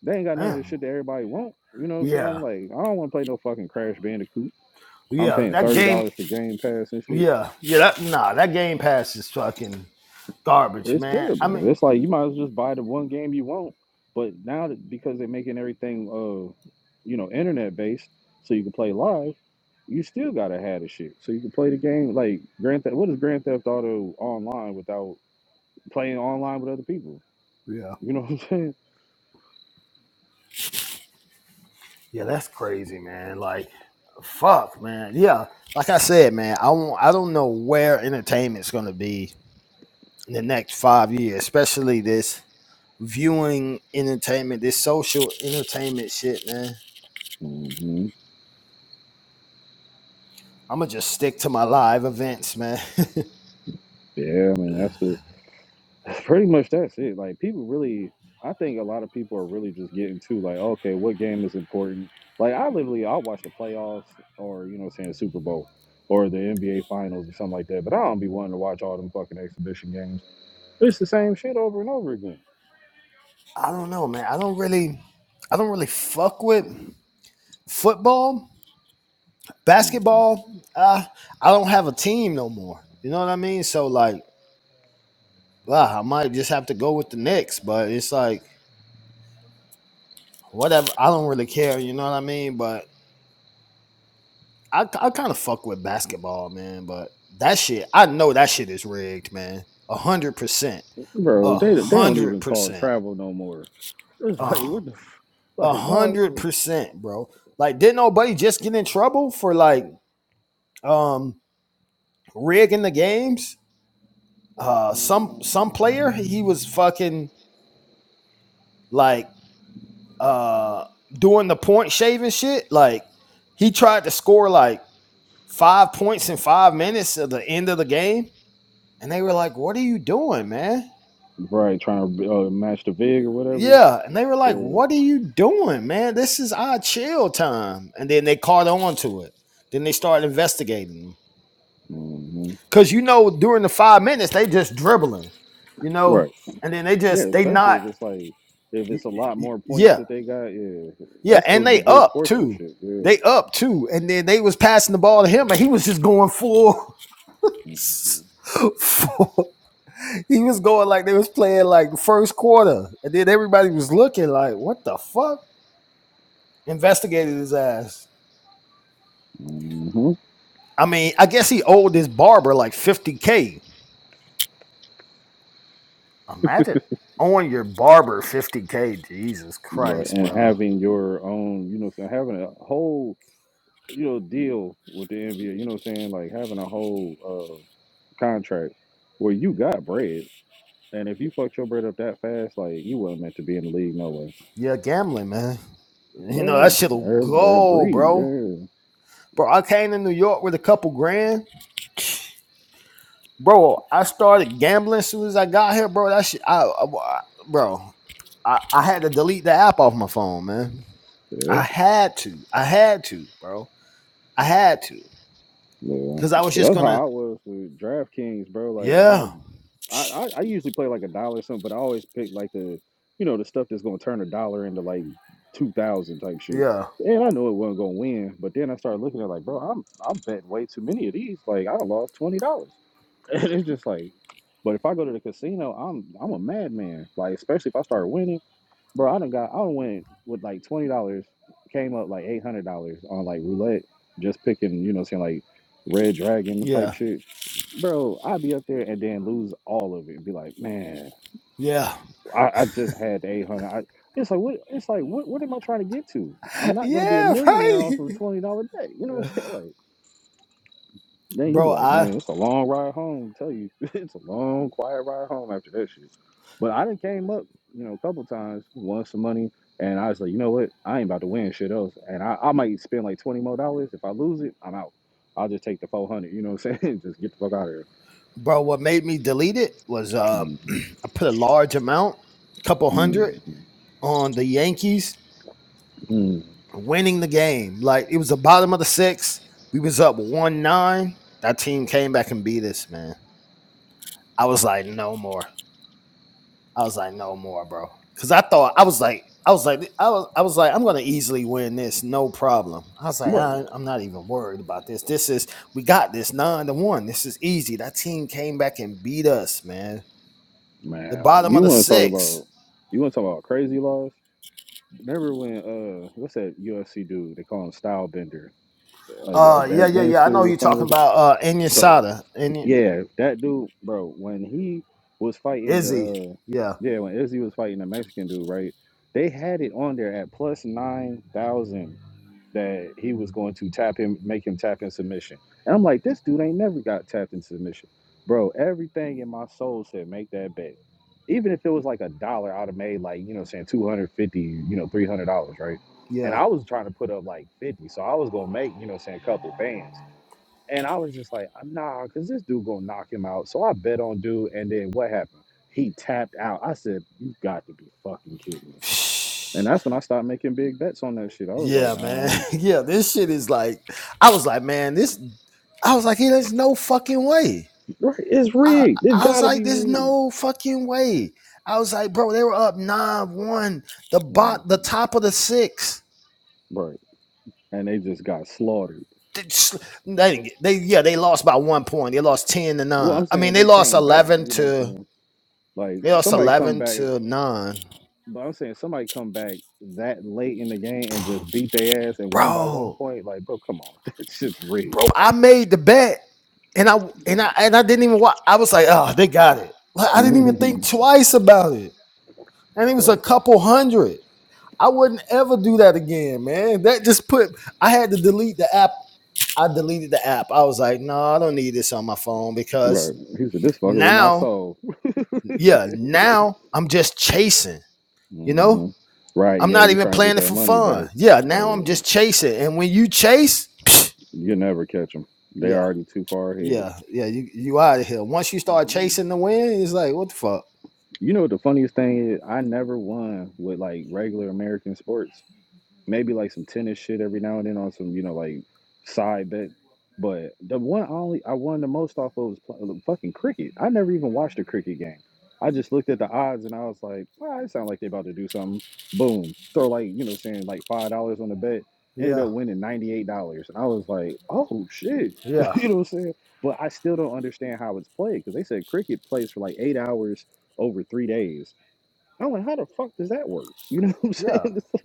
They ain't got none of the Damn. shit that everybody want. You know what I'm saying? Yeah. Like, I don't want to play no fucking Crash Bandicoot. I'm Yeah. paying That thirty game. dollars for Game Pass and shit. Yeah. Yeah. That, nah, that game pass is fucking. garbage, It's man. I mean, terrible. It's like you might as well just buy the one game you want. But now that because they're making everything, uh, you know, internet based, so you can play live. You still gotta have the shit, so you can play the game like Grand Theft. What is Grand Theft Auto online without playing online with other people? yeah, You know what I'm saying? yeah, that's crazy, man. Like, fuck, man. Yeah, like I said, man, I won't, I don't know where entertainment's gonna be in the next five years, especially this viewing entertainment, this social entertainment shit, man. hmm I'm gonna just stick to my live events, man. [LAUGHS] Yeah, I mean that's the That's Pretty much that's it. Like people really, I think a lot of people are really just getting to like, okay, what game is important? Like I literally, I'll watch the playoffs or you know, what I'm saying Super Bowl or the NBA Finals or something like that. But I don't be wanting to watch all them fucking exhibition games. It's the same shit over and over again. I don't know, man. I don't really, I don't really fuck with football, basketball. Uh, I don't have a team no more. You know what I mean? So like. wow, I might just have to go with the Knicks, but it's like whatever. I don't really care, you know what I mean? But I I kind of fuck with basketball, man. But that shit, I know that shit is rigged, man. A hundred percent, Bro, a they they don't even hundred call percent, travel no more. It's a like what the f- like no, it's hundred percent, bro. Like, didn't nobody just get in trouble for like um rigging the games? Uh, some some player he was fucking like uh doing the point shaving shit. Like he tried to score like five points in five minutes at the end of the game. And they were like, What are you doing, man? right trying to uh, match the vig or whatever. Yeah. And they were like, Uh, What are you doing, man? This is our chill time. And then they caught on to it. Then they started investigating them. mhm. Cause you know, during the five minutes, they just dribbling, you Right. know? And then they Yeah, just they especially not if it's like if it's a lot more points yeah. that they got, yeah, Yeah. that's And supposed to be they good up too. sportsmanship. Yeah. They up too. And then they was passing the ball to him and he was just going full hmm [LAUGHS] full He was going like they was playing like the first quarter, and then everybody was looking like, "What the fuck?" Investigated his ass. hmm I mean, I guess he owed his barber like fifty k. Imagine owing your barber fifty k. Jesus Right, Christ, and bro. having your own, you know, so having a whole, you know, deal with the NBA, you know, what I'm saying like having a whole uh, contract where you got bread, and if you fucked your bread up that fast, like you wasn't meant to be in the league, no way. Yeah, gambling, man. You know that Yeah, shit'll every- they go, agreed. bro. Yeah, Bro, I came to New York with a couple grand, bro. I started gambling as soon as I got here, bro. That shit, I, I bro, I, I had to delete the app off my phone, man. yeah, I had to. I had to, bro. I had to. yeah. Because I was So just that's how gonna I was with DraftKings, bro. Like I Yeah. I, I I usually play like a dollar or something, but I always pick like the you know the stuff that's gonna turn a dollar into like two thousand type shit. Yeah. And I know it wasn't gonna win, but then I started looking at like, bro, I'm I'm betting way too many of these. Like I done lost twenty dollars, [LAUGHS] and it's just like, but if I go to the casino, I'm I'm a madman. Like especially if I start winning. Bro, I done got I done went with like twenty dollars, came up like eight hundred dollars on like roulette, just picking, you know, saying like red dragon type Yeah. shit. Bro, I'd be up there and then lose all of it and be like, man, Yeah. [LAUGHS] I, I just had the eight hundred. I it's like what it's like what what am I trying to get to? I'm not gonna be a Yeah, millionaire right. off of a twenty dollar bet. You know what I'm [LAUGHS] saying? Like, then you be Bro, like, man, I it's a long ride home. I tell you, [LAUGHS] it's a long, quiet ride home after that shit. But I done came up, you know, a couple times, won some money, and I was like, you know what? I ain't about to win shit else, and I, I might spend like twenty more dollars. If I lose it, I'm out. I'll just take the four hundred. You know what I'm saying? [LAUGHS] just get the fuck out of here. bro, what made me delete it was uh I put a large amount, a couple hundred, Mm. on the Yankees winning the game. Like it was the bottom of the six. We was up one nine. That team came back and beat us, man. I was like, no more. I was like, no more, bro. Cause I thought I was like, I was like, I was, I was like, I'm gonna easily win this, no problem. I was like, Right, I, I'm not even worried about this. This is, we got this nine to one. This is easy. That team came back and beat us, man. The man. bottom You of the want to talk six. about? You want to talk about crazy laws? Remember when? Uh, what's that UFC dude? They call him Style Bender. Uh, Uh, yeah, that yeah, yeah. I know dancer or you're something talking like that. about uh, So Inyasada and Yeah, that dude, bro, when he was fighting Izzy. the uh Yeah, yeah, when Izzy was fighting the Mexican dude, right? They had it on there at plus nine thousand that he was going to tap him, make him tap in submission. And I'm like, this dude ain't never got tapped in submission. Bro, everything in my soul said make that bet. Even if it was like a dollar, I'd have made like, you know, what I'm saying 250, you know, three hundred dollars, right? And yeah. I was trying to put up like fifty, so I was gonna make, you know, what I'm saying a couple bands. And I was just like, nah, because this dude gonna knock him out. So I bet on dude, and then what happened? He tapped out. I said, you got to be fucking kidding me. [SIGHS] And that's when I started making big bets on that shit. I was like, Yeah, man. nah, I'm [LAUGHS] good, Yeah, bro. this shit is like, I was like, man, this I was like, hey, there's no fucking way. Right, it's I, rigged. It I was gotta like, be there's rigged. no fucking way. I was like, bro, they were up nine one. The hmm bot, the top of the six. Right. And they just got slaughtered. They, they, they- yeah, they lost by one point. They lost ten to Well, nine. I'm I mean, saying they they lost came back. eleven You know what I'm to saying? Like they lost somebody come eleven back, to nine. but I'm saying somebody come back that late in the game and just beat their ass and win by one Bro, point. Like, bro, come on, [LAUGHS] that shit's rigged. bro, I made the bet, and I and I and I didn't even watch. I was like, oh, they got it. Like, I didn't even [LAUGHS] think twice about it, and it was a Right, couple hundred. I wouldn't ever do that again, man. That just put I had to delete the app I deleted the app. I was like, no, I don't need this on my phone right. because He said, "This fucking with my now, soul." yeah, now I'm just chasing, you know? hmm Right, I'm yeah. not You even try and get playing it that for money back, fun. Yeah, now I'm uh, just chasing. And when you chase, psh, you never catch them. They yeah, already too far ahead. yeah, yeah, you, you out of here. Once you start You chasing the wind, it's like, what the fuck? know what the funniest thing is? I never won with like regular American sports. maybe like some tennis shit every now and then on some you know like side bet. But the one I only I won the most off of was pl- uh, fucking cricket. I never even watched a cricket game. I just looked at the odds and I was like, well, it sound like they about to do something. Boom, throw like you know saying like five dollars on the bet. Ended Yeah, up winning ninety eight dollars, and I was like, oh shit, [LAUGHS] yeah, you know what I'm saying. But I still don't understand how it's played because they said cricket plays for like eight hours over three days. I'm like, how the fuck does that work? You know [LAUGHS] what I'm yeah. saying? [LAUGHS]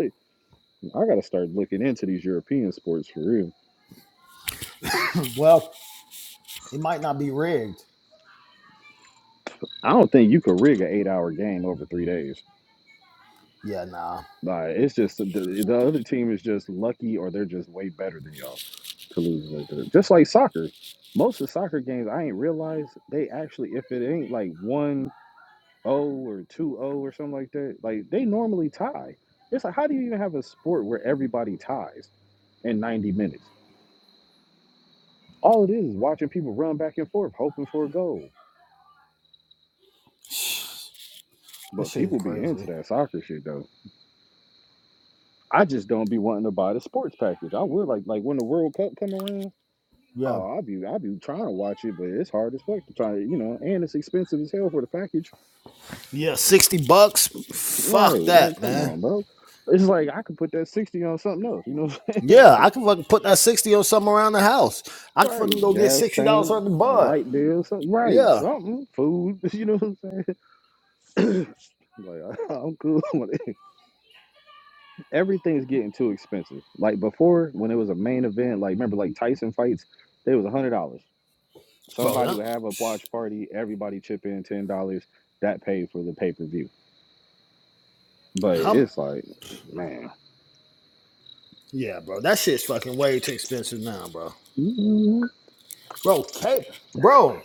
I gotta start looking into these European sports for real. [CLEARS THROAT] well, it might not be rigged. I don't think you could rig an eight-hour game over three days. Yeah, nah. Like it's just the, the other team is just lucky, or they're just way better than y'all to lose like that. Just like soccer, most of soccer games I ain't realize they actually if it ain't like one zero or two zero or something like that, like they normally tie. It's like how do you even have a sport where everybody ties? in 90 minutes. All it is is watching people run back and forth, hoping for a goal. This But shit is people be into crazy. that soccer shit though. I just don't be wanting to buy the sports package. I would like like when the World Cup come around. Yeah. Oh, I'll be I'll be trying to watch it, but it's hard as fuck to try to you know, and it's expensive as hell for the package. Yeah, 60 bucks? Right? Fuck Like, that, come man. on, bro. It's like I could put that sixty on something else. You know what I'm saying? Yeah, I [LAUGHS] can fucking put that 60 or something around the house. I Like, can fucking right? go get Gas $60 tank, worth of bud. light bill, something. Right? Yeah. Something, food. [LAUGHS] You know what I'm saying? [CLEARS THROAT] Like I, I'm cool. [LAUGHS] with it. Everything's getting too expensive. Like before, when it was a main event, like remember like Tyson fights, they was a hundred dollars. Bro, Somebody that, would have a watch party, everybody chip in ten dollars, that paid for the pay per view. But how, it's like, man, yeah, bro. That shit's fucking way too expensive now, bro. Bro, K, bro,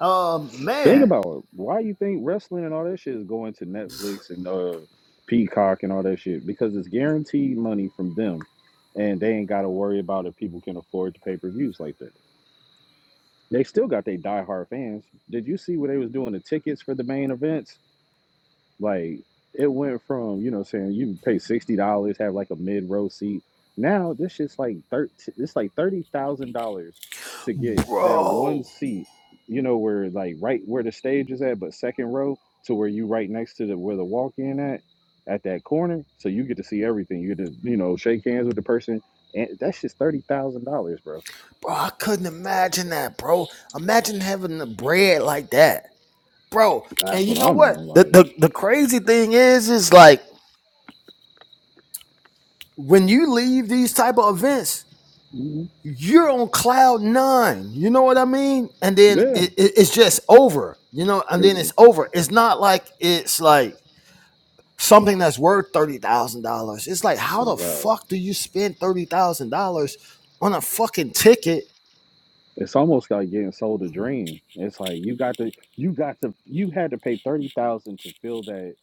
um, think man, about it. Why you think wrestling and all that shit is going to Netflix and uh, Peacock and all that shit? Because it's guaranteed money from them, and they ain't got to worry about if people can afford the pay per views like that. They still got their diehard fans. Did you see where they was doing the tickets for the main events? Like it went from, you know, saying you can pay sixty dollars, have like a mid row seat. Now this shit's like thirty it's like thirty thousand dollars to get that one bro. seat, you know, where like right where the stage is at, but second row to where you right next to the where the walk in at at that corner. So you get to see everything. You get to, you know, shake hands with the person. And that's just thirty thousand dollars, bro. Bro, I couldn't imagine that, bro. Imagine having the bread like that. Bro, and That's what you know I'm what? on. The, Like, the the crazy thing is, is like when you leave these type of events, Mhm. you're on cloud nine. You know what I mean? And then yeah, it, it, it's just over. You know, and then it's it's over. It's not like it's like something that's worth thirty thousand dollars. It's like how the right. fuck do you spend thirty thousand dollars on a fucking ticket? It's almost like getting sold a dream. It's like you got to, you got to, you had to pay thirty thousand to feel that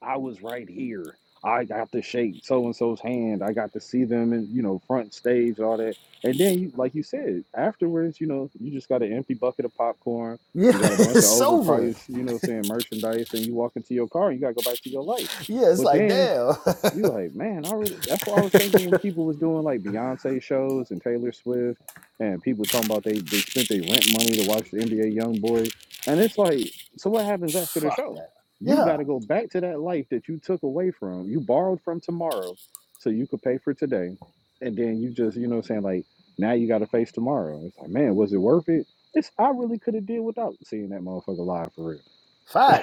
I was right here. I got to shake so and so's hand. I got to see them in, you know, front stage, all that. And then, you, like you said, afterwards, you know, you just got an empty bucket of popcorn. Yeah, You [LAUGHS] got a bunch of it's over. overpriced, you know, saying merchandise, and you walk into your car. and You got to go back to your life. Yeah, it's But like then damn. you [LAUGHS] like, man, I really that's what I was thinking when people was doing like Beyonce shows and Taylor Swift and people talking about they they spent their rent money to watch the NBA Young Boy. And it's like, so what happens after the fuck show? that. You Yeah, gotta go back to that life that you took away from, you borrowed from tomorrow so you could pay for today. And then you just, you know what I'm saying, like now you gotta face tomorrow. It's like, man, was it worth it? It's I really could have did without seeing that motherfucker live for real.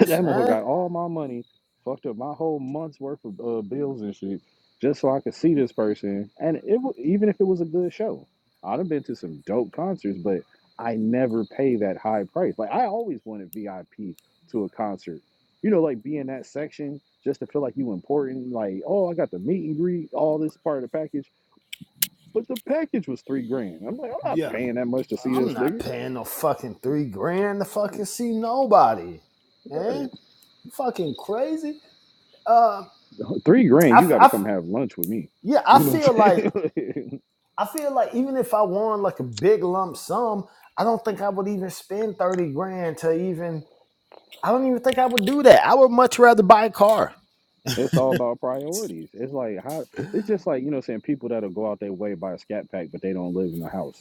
[LAUGHS] that motherfucker man. got all my money, fucked up my whole month's worth of uh, bills and shit, just so I could see this person. And it wa- even if it was a good show, I'd have been to some dope concerts, but I never pay that high price. Like I always wanted VIP to a concert. You know, like be in that section just to feel like you important. Like, oh, I got the meet and greet, all this part of the package. But the package was three grand. I'm like, I'm not Yeah, paying that much to see I'm this not nigga. paying no fucking three grand to fucking see nobody, Right. man. You fucking crazy. Uh. Three I, grand, I, you got to come have lunch with me. yeah, I You know what feel I'm like saying? I feel like even if I won like a big lump sum, I don't think I would even spend thirty grand to even. I don't even think I would do that. I would much rather buy a car. [LAUGHS] it's all about priorities. It's like how it's just like, you know what I'm saying, people that'll go out their way buy a scat pack, but they don't live in a house.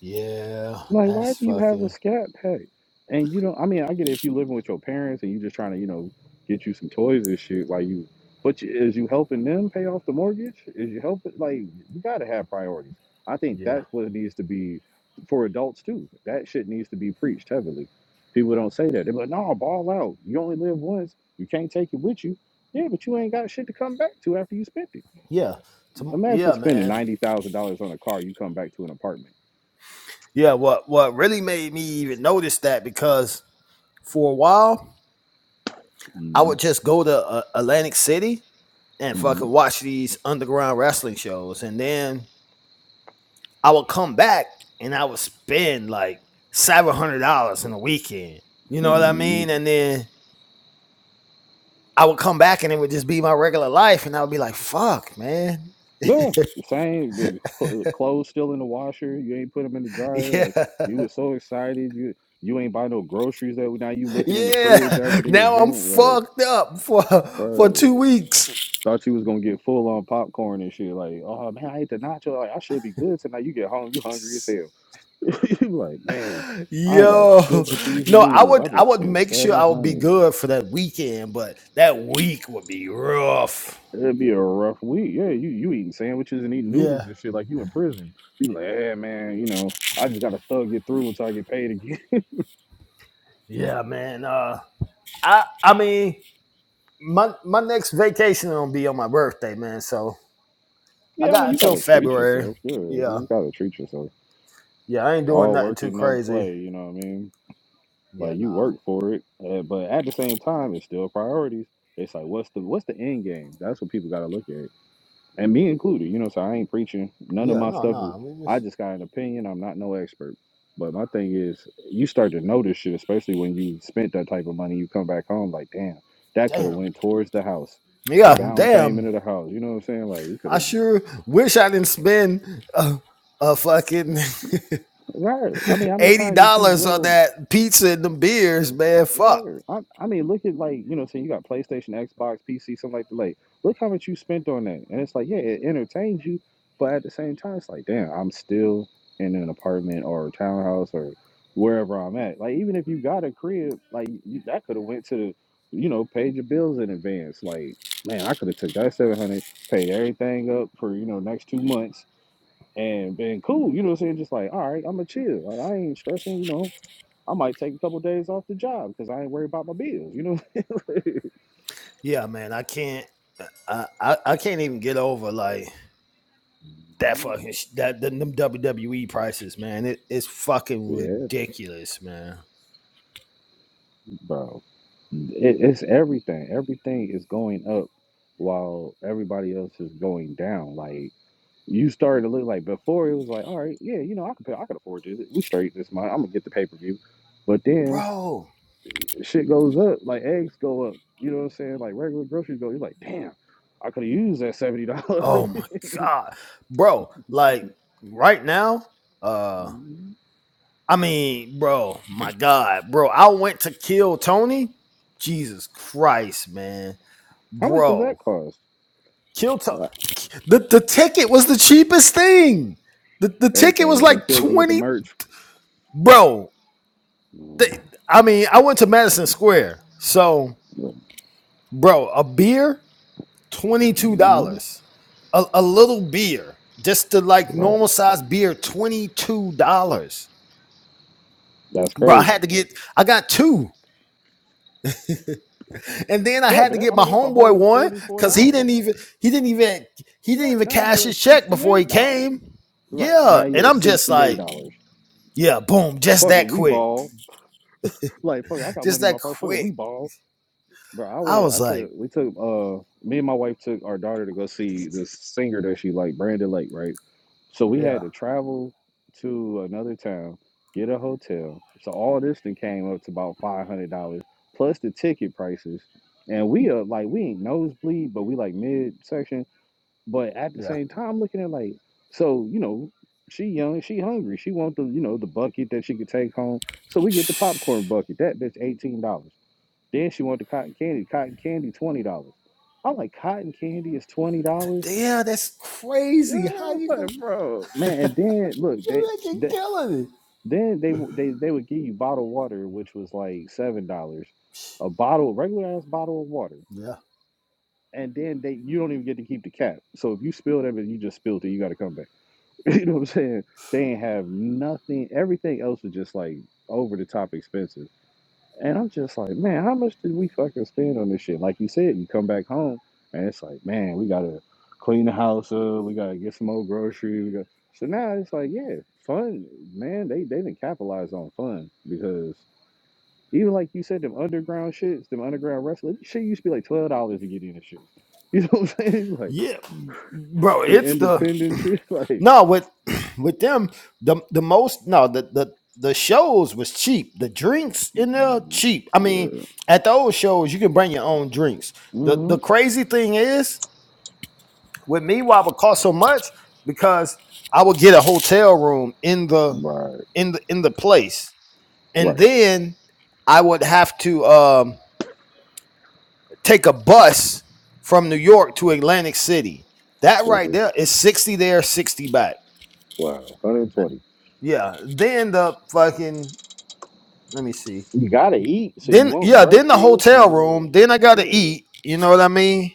Yeah, Like, why that's do you have a fucking scat pack? And you don't. I mean, I get it if you're living with your parents and you're just trying to, you know, get you some toys and shit. Like you, but you, is you helping them pay off the mortgage? Is you helping? Like, you got to have priorities. I think yeah, that's what it needs to be for adults too. That shit needs to be preached heavily. People don't say that. They're like, no, ball out. You only live once. You can't take it with you. Yeah, but you ain't got shit to come back to after you spent it. yeah, Tom- Imagine yeah, spending man, ninety thousand dollars on a car. You come back to an apartment. yeah. What what really made me even notice that because for a while I hmm would just go to uh, Atlantic City and fucking watch these underground wrestling shows, and then I would come back and I would spend like seven hundred dollars in a weekend. You know what I hmm mean? And then I would come back and it would just be my regular life, and I would be like, "Fuck, man, Yeah, same. The cl- clothes still in the washer. You ain't put them in the dryer. Like yeah, you was so excited. You you ain't buy no groceries that now you [LAUGHS] looking in the yeah." fridge after the Now I'm event. Like, fucked up for for bro, two weeks. thought you was gonna get full on popcorn and shit. Like, oh man, I ate the nacho. Like, I should be good tonight. You get home, you hungry as hell. [LAUGHS] you like, man, I ain't got Yo, shit but these no, I noodles. I would I just would spent make sure seven I would be hundred. good for that weekend, but that week would be rough. It'd be a rough week. Yeah, you you eating sandwiches and eating noodles Yeah, and shit like you in prison. You be like, yeah, man, you know, I just gotta thug it through until I get paid again. yeah, man. Uh, I I mean. my my next vacation will be on my birthday, man. So [LAUGHS] I yeah, I mean, got you until gotta treat February. yourself. Yeah, Yeah, you gotta treat yourself. yeah. I ain't doing All nothing work too and no crazy. play. You know what I mean? Yeah, Like you nah. work for it, uh, but at the same time, it's still priorities. It's like, what's the what's the end game? That's what people gotta look at. and me included. You know, so I ain't preaching. None of Yeah, my no, stuff is. no. We I just just got an opinion. I'm not no expert. But my thing is, you start to notice shit, especially when you spent that type of money. You come back home like, damn, that could have damn. went towards the house, the Yeah, down payment damn. of the house. You know what I'm saying? Like we could I have. sure wish I didn't spend a, a fucking Right. I mean, how [LAUGHS] many eighty times did you dollars on blow? that pizza and the beers, man. Fuck. Right. I, I mean, look at like you know, saying you got PlayStation, Xbox, PC, something like that. Like, look how much you spent on that, and it's like, yeah, it entertains you, but at the same time, it's like, damn, I'm still in an apartment or a townhouse or wherever I'm at. Like, even if you got a crib, like you, that could have went to the, you know, paid your bills in advance. Like, man, I could have took that seven hundred, paid everything up for you know next two months, and been cool. You know, what I'm saying just like, all right, I'm gonna chill. Like, I ain't stressing. You know, I might take a couple days off the job because I ain't worried about my bills. You know, Yeah, man. I can't. I I, I can't even get over like. That fucking that them WWE prices, man. It, it's [LAUGHS] fucking yeah, ridiculous, man. bro. It, it's everything. Everything is going up while everybody else is going down. Like you started to look like before it was like, all right, yeah, you know, I can pay, I can afford this. We straight this month. I'm gonna get the pay per view. But then bro. shit goes up. Like eggs go up. You know what I'm saying? Like regular groceries go. You're like, damn, I could have used that seventy dollars. [LAUGHS] Oh my god, bro. Like right now, uh, I mean, bro, my god, bro. I went to kill Tony. Jesus Christ, man, How much does that bro. cost? Kill Tony. The the ticket was the cheapest thing. The the ticket was Everything. They like killed you with the twenty, merch. bro. Mhm. the- I mean, I went to Madison Square, so bro, a beer $22. Mhm. A, a little beer, just the like normal Right. size beer, $22. That's Bro, I had crazy. to get I got two. And then I Right, had but to that, get I my mean that's a homeboy whole one forty-four cuz he dollars. didn't even he didn't even he didn't Right even now you cash at his check before he sixty-eight dollars. came. Right now Yeah, and you at I'm just sixty-eight like, dollars. yeah, boom, just Fuck it, that we quick. ball. Like fuck, it, I got Just money in my that pocket. Fuck it, we quick. ball. Bro, I I went. was I like, took. We took. Uh, me and my wife took our daughter to go see this singer that she like, Brandon Lake, right? So we had yeah, to travel to another town, get a hotel. So all this thing came up to about five hundred dollars plus the ticket prices, and we are like we ain't nosebleed, but we like mid section. But at the yeah. same time, looking at like, so you know, she young, she hungry, she want the you know the bucket that she could take home. So we get the popcorn bucket. That bitch eighteen dollars. Then she wanted the cotton candy. Cotton candy, twenty dollars. I'm like, cotton candy is twenty dollars, Damn, that's Yeah, crazy. I How was you gonna like, bro, man. And then look, they, you're making they killing it? then they they they would give you bottled water, which was like seven dollars, a bottle, regular ass bottle of water. Yeah. And then they you don't even get to keep the cap. So if you spilled it, you just spilled it. You got to come back. [LAUGHS] you know what I'm saying? They ain't have nothing. Everything else was just like over the top expensive. And I'm just like, man, how much did we fucking spend on this shit? Like you said, you come back home and it's like, man, we gotta clean the house up, we gotta get some more groceries. We got so now it's like, yeah, fun, man. They they didn't capitalize on fun because even like you said, them underground shits, them underground wrestling shit used to be like twelve dollars to get in and shit. [LAUGHS] You know what I'm saying? [LAUGHS] Like Yeah, bro, them it's the independent shit, [LAUGHS] like No, with [CLEARS THROAT] with them, the the most no the the the shows was cheap. The drinks in there cheap. I mean, yeah, at those shows you can bring your own drinks. The hmm the crazy thing is with me why it would cost so much because I would get a hotel room in the right, in the in the place, and right, then I would have to um take a bus from New York to Atlantic City. That right uh-huh. there is sixty there, sixty back. wow, 120 Yeah. Then the fucking let me see. You gotta eat, so you Then want yeah, then the breakfast, you hotel want room. Then I gotta shit. eat. You know what I mean?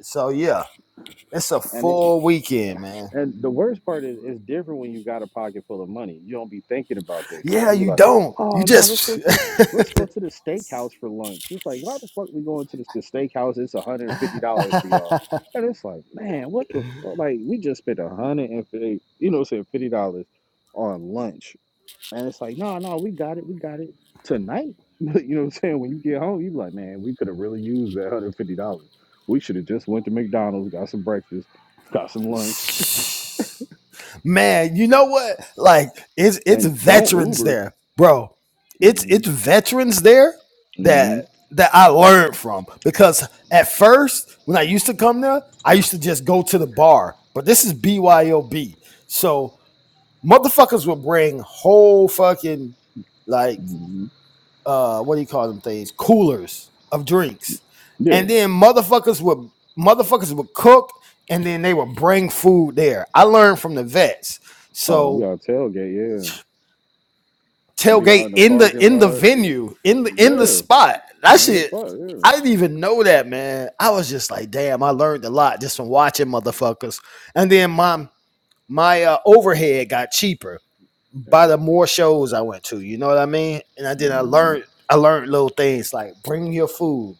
So yeah, it's a and it full weekend, man. and the worst part is it's different when you got a pocket full of money. You don't be thinking about that shit. Yeah, You be you like, don't. You oh no, let's just go to let's go to the steakhouse for lunch. It's like, why the fuck we going to this the steakhouse? It's one hundred and fifty dollars for y'all. And it's like, man, what the fuck? Like we just spent a hundred and fifty, you know, what I'm saying fifty dollars on lunch And it's like, no, no, we got it, we got it tonight. [LAUGHS] you know what I'm saying? When you get home, you be like, man, we could have really used that hundred fifty dollars. We should have just went to McDonald's, got some breakfast, got some lunch, [LAUGHS] man. You know what? Like it's [LAUGHS] it's and don't veterans Uber. there, bro. It's hmm it's veterans there hmm that that I learned from because at first when I used to come there, I used to just go to the bar. But this is BYOB, so Motherfuckers would bring whole fucking like hmm uh what do you call them things? Coolers of drinks. Yeah. And then motherfuckers would motherfuckers would cook and then they would bring food there. I learned from the vets. Oh, you So got to tailgate. Yeah. Be out tailgate in the in the parking in the lot. venue, in the in the Yeah. spot. That And the shit spot. Yeah. I didn't even know that, man. I was just like, damn, I learned a lot just from watching motherfuckers. And then Mhm. mom my uh, overhead got cheaper Yeah. by the more shows I went to. You know what I mean? And I then I mm-hmm. learned I learned little things like bring your food.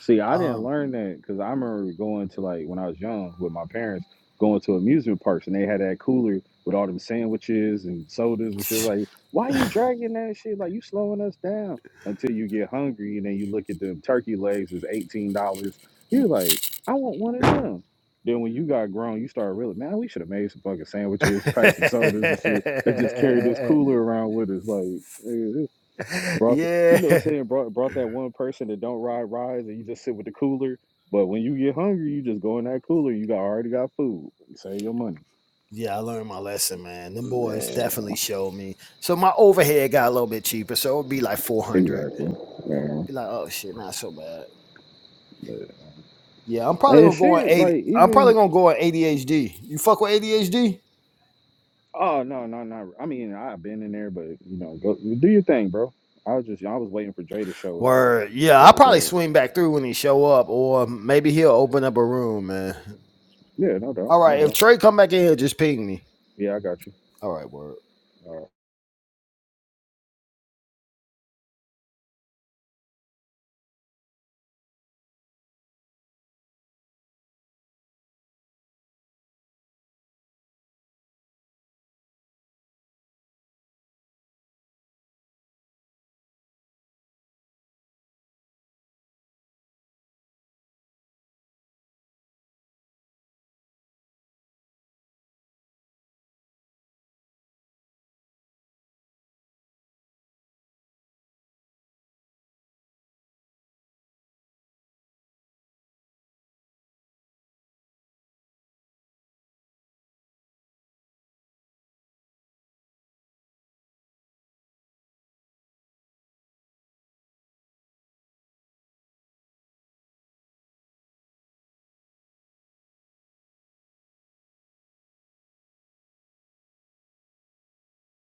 See, I didn't Um, learn that because I remember going to like when I was young with my parents going to amusement parks and they had that cooler with all them sandwiches and sodas and shit. Like, [LAUGHS] why you dragging that shit? Like, you slowing us down until you get hungry and then you look at them turkey legs is eighteen dollars. You're like, I want one of them. Then when you got grown, you start really man, we should have made some fucking sandwiches, packs some sodas and shit, and just carried this cooler around with us. Like, eh, Brought the, you yeah, know, what I'm saying brought brought that one person that don't ride rides and you just sit with the cooler. But when you get hungry, you just go in that cooler. You got already got food. Save your money. yeah. I learned my lesson, man. Them boys Yeah, definitely showed me. So my overhead got a little bit cheaper. So it would be like four hundred. exactly. Yeah. Be like, oh shit, not so bad. Yeah, I'm probably And gonna go on shit, eighty. like I'm probably even gonna go on ADHD. You fuck with ADHD? oh no no no. I mean I've been in there, but you know go do your thing, bro. I was just I was waiting for Dre to show up, Word. Yeah, I'll but go probably ahead. swing back through when he show up, or maybe he'll open up a room, man. Yeah, no doubt, All no right. If doubt. Trey come back in here, just ping me. Yeah, I got you. All right, word. Uh,